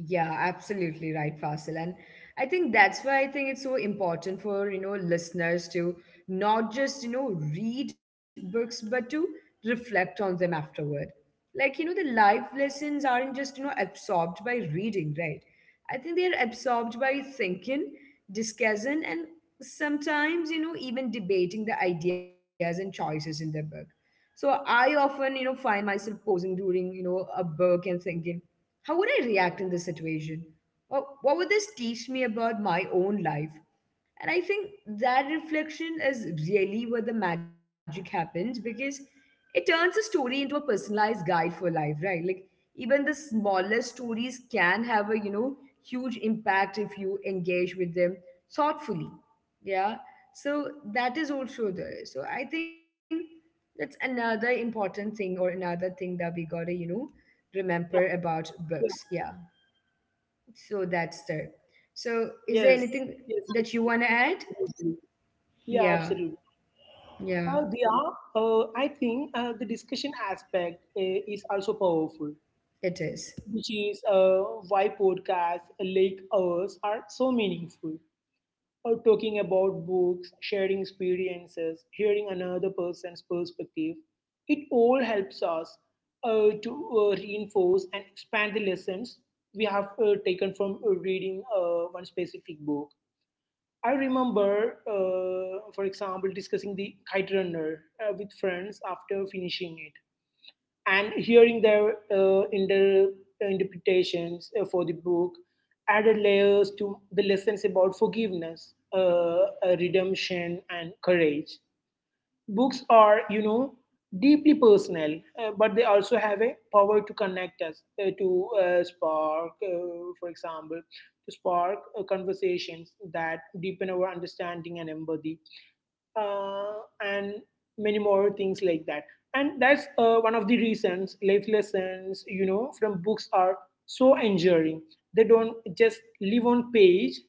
Speaker 1: Yeah, absolutely right, Fasil. And I think that's why I think it's so important for, you know, listeners to not just, you know, read books, but to reflect on them afterward. Like, you know, the life lessons aren't just, you know, absorbed by reading, right? I think they're absorbed by thinking, discussing, and sometimes, you know, even debating the ideas and choices in the book. So I often, you know, find myself pausing during, you know, a book and thinking, how would I react in this situation? Or what would this teach me about my own life? And I think that reflection is really where the magic happens because it turns a story into a personalized guide for life, right? Like even the smallest stories can have a, you know, huge impact if you engage with them thoughtfully. Yeah. So that is also there. So I think that's another important thing, or another thing that we gotta, you know, remember about
Speaker 2: Yeah.
Speaker 1: books. Yeah. So that's there. So is there
Speaker 2: Yes,
Speaker 1: anything
Speaker 2: yes, yes,
Speaker 1: that you wanna add?
Speaker 2: yes, absolutely. Yeah,
Speaker 1: Yeah,
Speaker 2: absolutely.
Speaker 1: yeah,
Speaker 2: Uh, Diya, uh, I think uh, the discussion aspect uh, is also powerful,
Speaker 1: it is.
Speaker 2: which is uh, why podcasts like ours are so meaningful. Uh, talking about books, sharing experiences, hearing another person's perspective, it all helps us uh, to uh, reinforce and expand the lessons we have uh, taken from uh, reading uh, one specific book. I remember, uh, for example, discussing the Kite Runner uh, with friends after finishing it and hearing their uh, inter- uh, interpretations uh, for the book added layers to the lessons about forgiveness, uh, uh, redemption, and courage. Books are, you know, deeply personal, uh, but they also have a power to connect us, uh, to uh, spark, uh, for example, to spark uh, conversations that deepen our understanding and empathy uh, and many more things like that. And that's uh, one of the reasons life lessons, you know, from books are so enduring. They don't just live on page;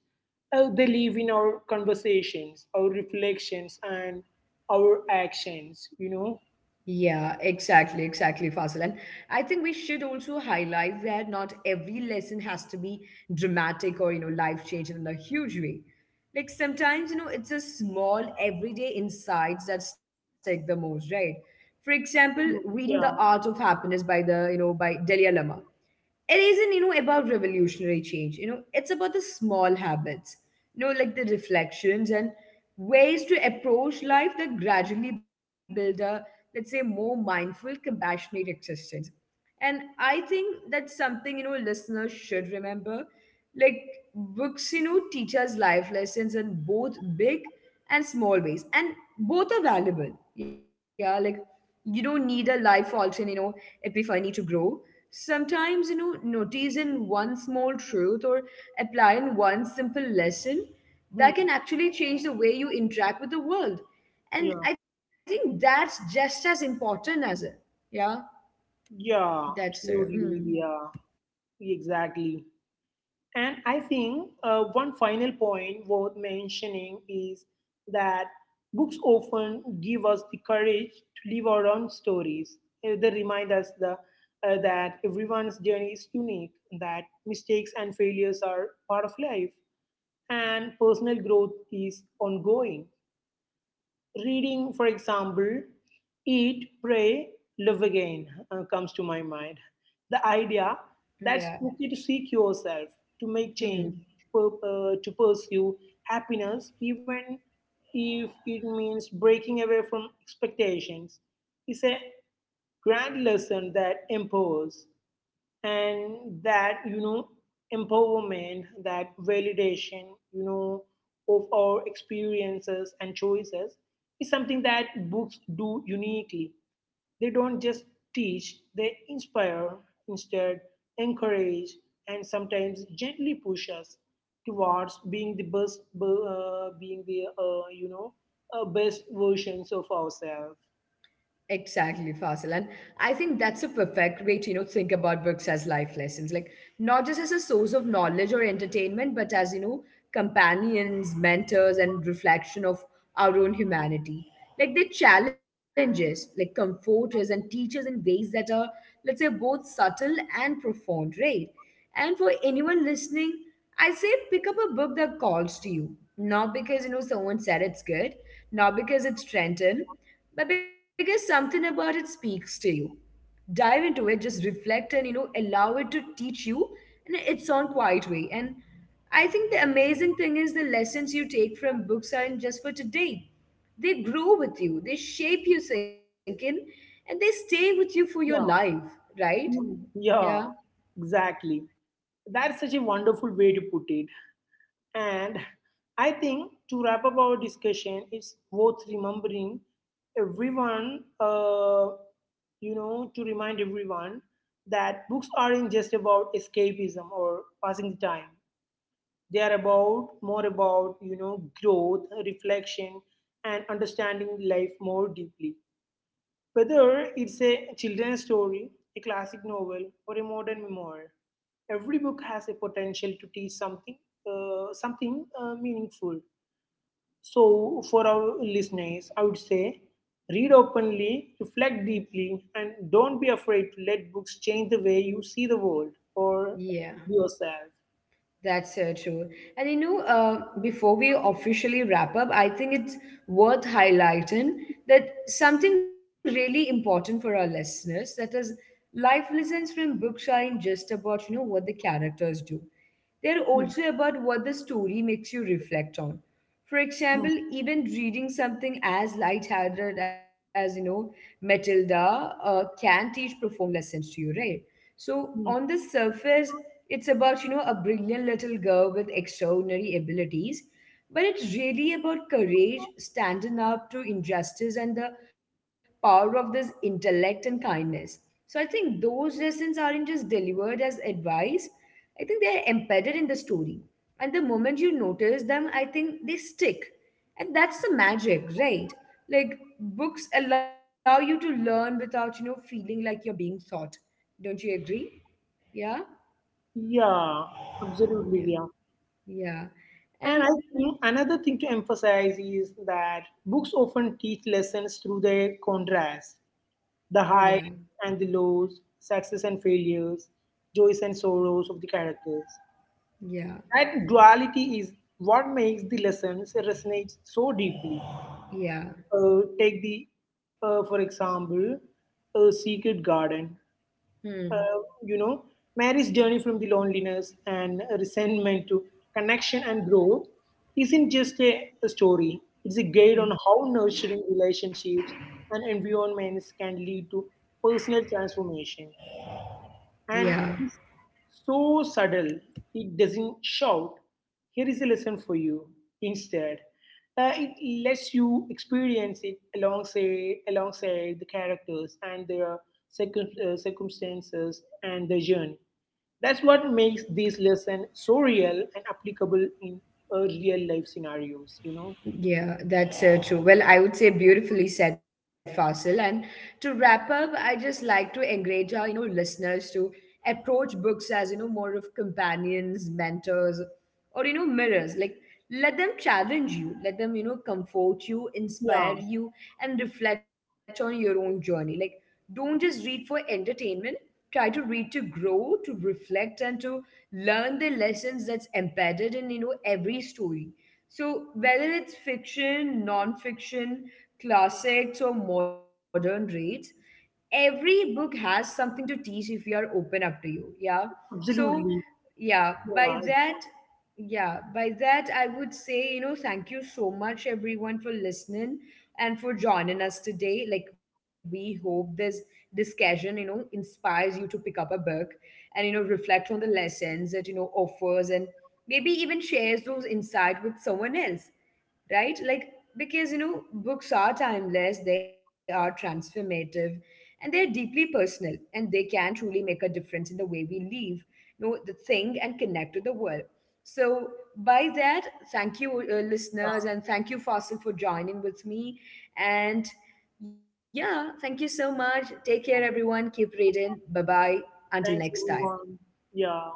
Speaker 2: uh, they live in our conversations, our reflections, and our actions. You know,
Speaker 1: Yeah, exactly, exactly, Fasil. And I think we should also highlight that not every lesson has to be dramatic or, you know, life-changing in a huge way. Like sometimes, you know, it's a small everyday insights that stick the most, right? For example,
Speaker 2: hmm,
Speaker 1: reading The
Speaker 2: yeah.
Speaker 1: Art of Happiness by the, you know, by Delia Lama. It isn't, you know, about revolutionary change, you know, it's about the small habits, you know, like the reflections and ways to approach life that gradually build a, let's say, more mindful compassionate existence. And I think that's something, you know, listeners should remember. Like, books, you know, teach us life lessons in both big and small ways, and both are valuable. Yeah, like, you don't need a life altering, you know, epiphany to grow. Sometimes, you know, noticing one small truth or applying one simple lesson, that
Speaker 2: Hmm,
Speaker 1: can actually change the way you interact with the world. And
Speaker 2: yeah,
Speaker 1: I think that's just as important as it. Yeah.
Speaker 2: yeah,
Speaker 1: That's true.
Speaker 2: absolutely,
Speaker 1: Mm.
Speaker 2: yeah, exactly. And I think uh, one final point worth mentioning is that books often give us the courage to live our own stories. Uh, They remind us the, uh, that everyone's journey is unique, that mistakes and failures are part of life, and personal growth is ongoing. Reading, for example, Eat, Pray, Love Again uh, comes to my mind. The idea that it's
Speaker 1: Yeah.
Speaker 2: okay to seek yourself, to make change,
Speaker 1: Hmm.
Speaker 2: to, pur- uh, to pursue happiness, even if it means breaking away from expectations, is a grand lesson that empowers and that you know empowerment, that validation, you know, of our experiences and choices is something that books do uniquely. They don't just teach, they inspire, instead encourage, and sometimes gently push us towards being the best, uh, being the uh, you know uh, best versions of ourselves.
Speaker 1: Exactly, Fasil. And I think that's a perfect way to, you know, think about books as life lessons. Like not just as a source of knowledge or entertainment, but as, you know, companions, mentors, and reflection of our own humanity. Like they challenge us, like comfort us and teach us in ways that are, let's say, both subtle and profound, right? And for anyone listening, I say pick up a book that calls to you. Not because, you know, someone said it's good, not because it's Trenton, but because something about it speaks to you. Dive into it, just reflect, and you know, allow it to teach you in its own quiet way. And I think the amazing thing is the lessons you take from books aren't just for today. They grow with you, they shape your thinking, and they stay with you for your
Speaker 2: Yeah.
Speaker 1: life, right?
Speaker 2: Hmm,
Speaker 1: Yeah.
Speaker 2: yeah, exactly. That's such a wonderful way to put it. And I think to wrap up our discussion, it's worth remembering everyone, uh, you know, to remind everyone that books aren't just about escapism or passing the time. They are about more about, you know, growth, reflection, and understanding life more deeply. Whether it's a children's story, a classic novel, or a modern memoir, every book has a potential to teach something, uh, something uh, meaningful. So, for our listeners, I would say read openly, reflect deeply, and don't be afraid to let books change the way you see the world or
Speaker 1: Yeah.
Speaker 2: yourself.
Speaker 1: That's so true. And you know, uh, before we officially wrap up, I think it's worth highlighting that something really important for our listeners, that is, life lessons from books aren't just about, you know, what the characters do. They're
Speaker 2: Mm,
Speaker 1: also about what the story makes you reflect on. For
Speaker 2: mm,
Speaker 1: example, even reading something as lighthearted as, you know, Matilda uh, can teach profound lessons to you, right? So,
Speaker 2: mm.
Speaker 1: on the surface, it's about, you know, a brilliant little girl with extraordinary abilities, but it's really about courage, standing up to injustice, and the power of this intellect and kindness. So I think those lessons aren't just delivered as advice, I think they're embedded in the story. And the moment you notice them, I think they stick. And that's the magic, right? Like books allow you to learn without, you know, feeling like you're being taught. Don't you agree? Yeah?
Speaker 2: Yeah, absolutely.
Speaker 1: Yeah.
Speaker 2: And I
Speaker 1: And
Speaker 2: think another thing to emphasize is that books often teach lessons through their contrast, the
Speaker 1: yeah,
Speaker 2: highs and the lows, success and failures, joys and sorrows of the characters.
Speaker 1: yeah,
Speaker 2: That duality is what makes the lessons resonate so deeply.
Speaker 1: yeah.
Speaker 2: Uh, take the, uh, for example, a secret garden,
Speaker 1: Hmm.
Speaker 2: uh, you know, Mary's journey from the loneliness and resentment to connection and growth isn't just a, a story. It's a guide on
Speaker 1: Hmm.
Speaker 2: how nurturing relationships and environments can lead to personal transformation.
Speaker 1: Yeah.
Speaker 2: And it's so subtle, it doesn't shout, here is a lesson for you. Instead, uh, it lets you experience it alongside, alongside the characters and their circum- uh, circumstances and their journey. That's what makes this lesson so real and applicable in uh, real life scenarios, you know?
Speaker 1: Yeah, that's so true. Well, I would say beautifully said, Fasil. And to wrap up, I just like to encourage our, you know, listeners to approach books as, you know, more of companions, mentors, or, you know, mirrors. Like, let them challenge you, let them, you know, comfort you,
Speaker 2: Yeah,
Speaker 1: inspire you, and reflect on your own journey. Like, don't just read for entertainment. Try to read to grow, to reflect, and to learn the lessons that's embedded in, you know, every story. So, whether it's fiction, non fiction, classics, or modern reads, every book has something to teach if you are open up to you. Yeah. So,
Speaker 2: absolutely.
Speaker 1: yeah, by
Speaker 2: Yeah,
Speaker 1: that, yeah, by that, I would say, you know, thank you so much, everyone, for listening and for joining us today. Like, we hope this discussion, you know, inspires you to pick up a book and, you know, reflect on the lessons it, you know, offers and maybe even shares those insights with someone else, right? Like, because you know, books are timeless, they are transformative, and they're deeply personal, and they can truly make a difference in the way we live, you know, the thing and connect to the world. So by that, thank you uh, listeners, and thank you Fossil for joining with me. And yeah, thank you so much. Take care everyone, keep reading, bye bye, until next
Speaker 2: thanks
Speaker 1: time.
Speaker 2: everyone. Yeah.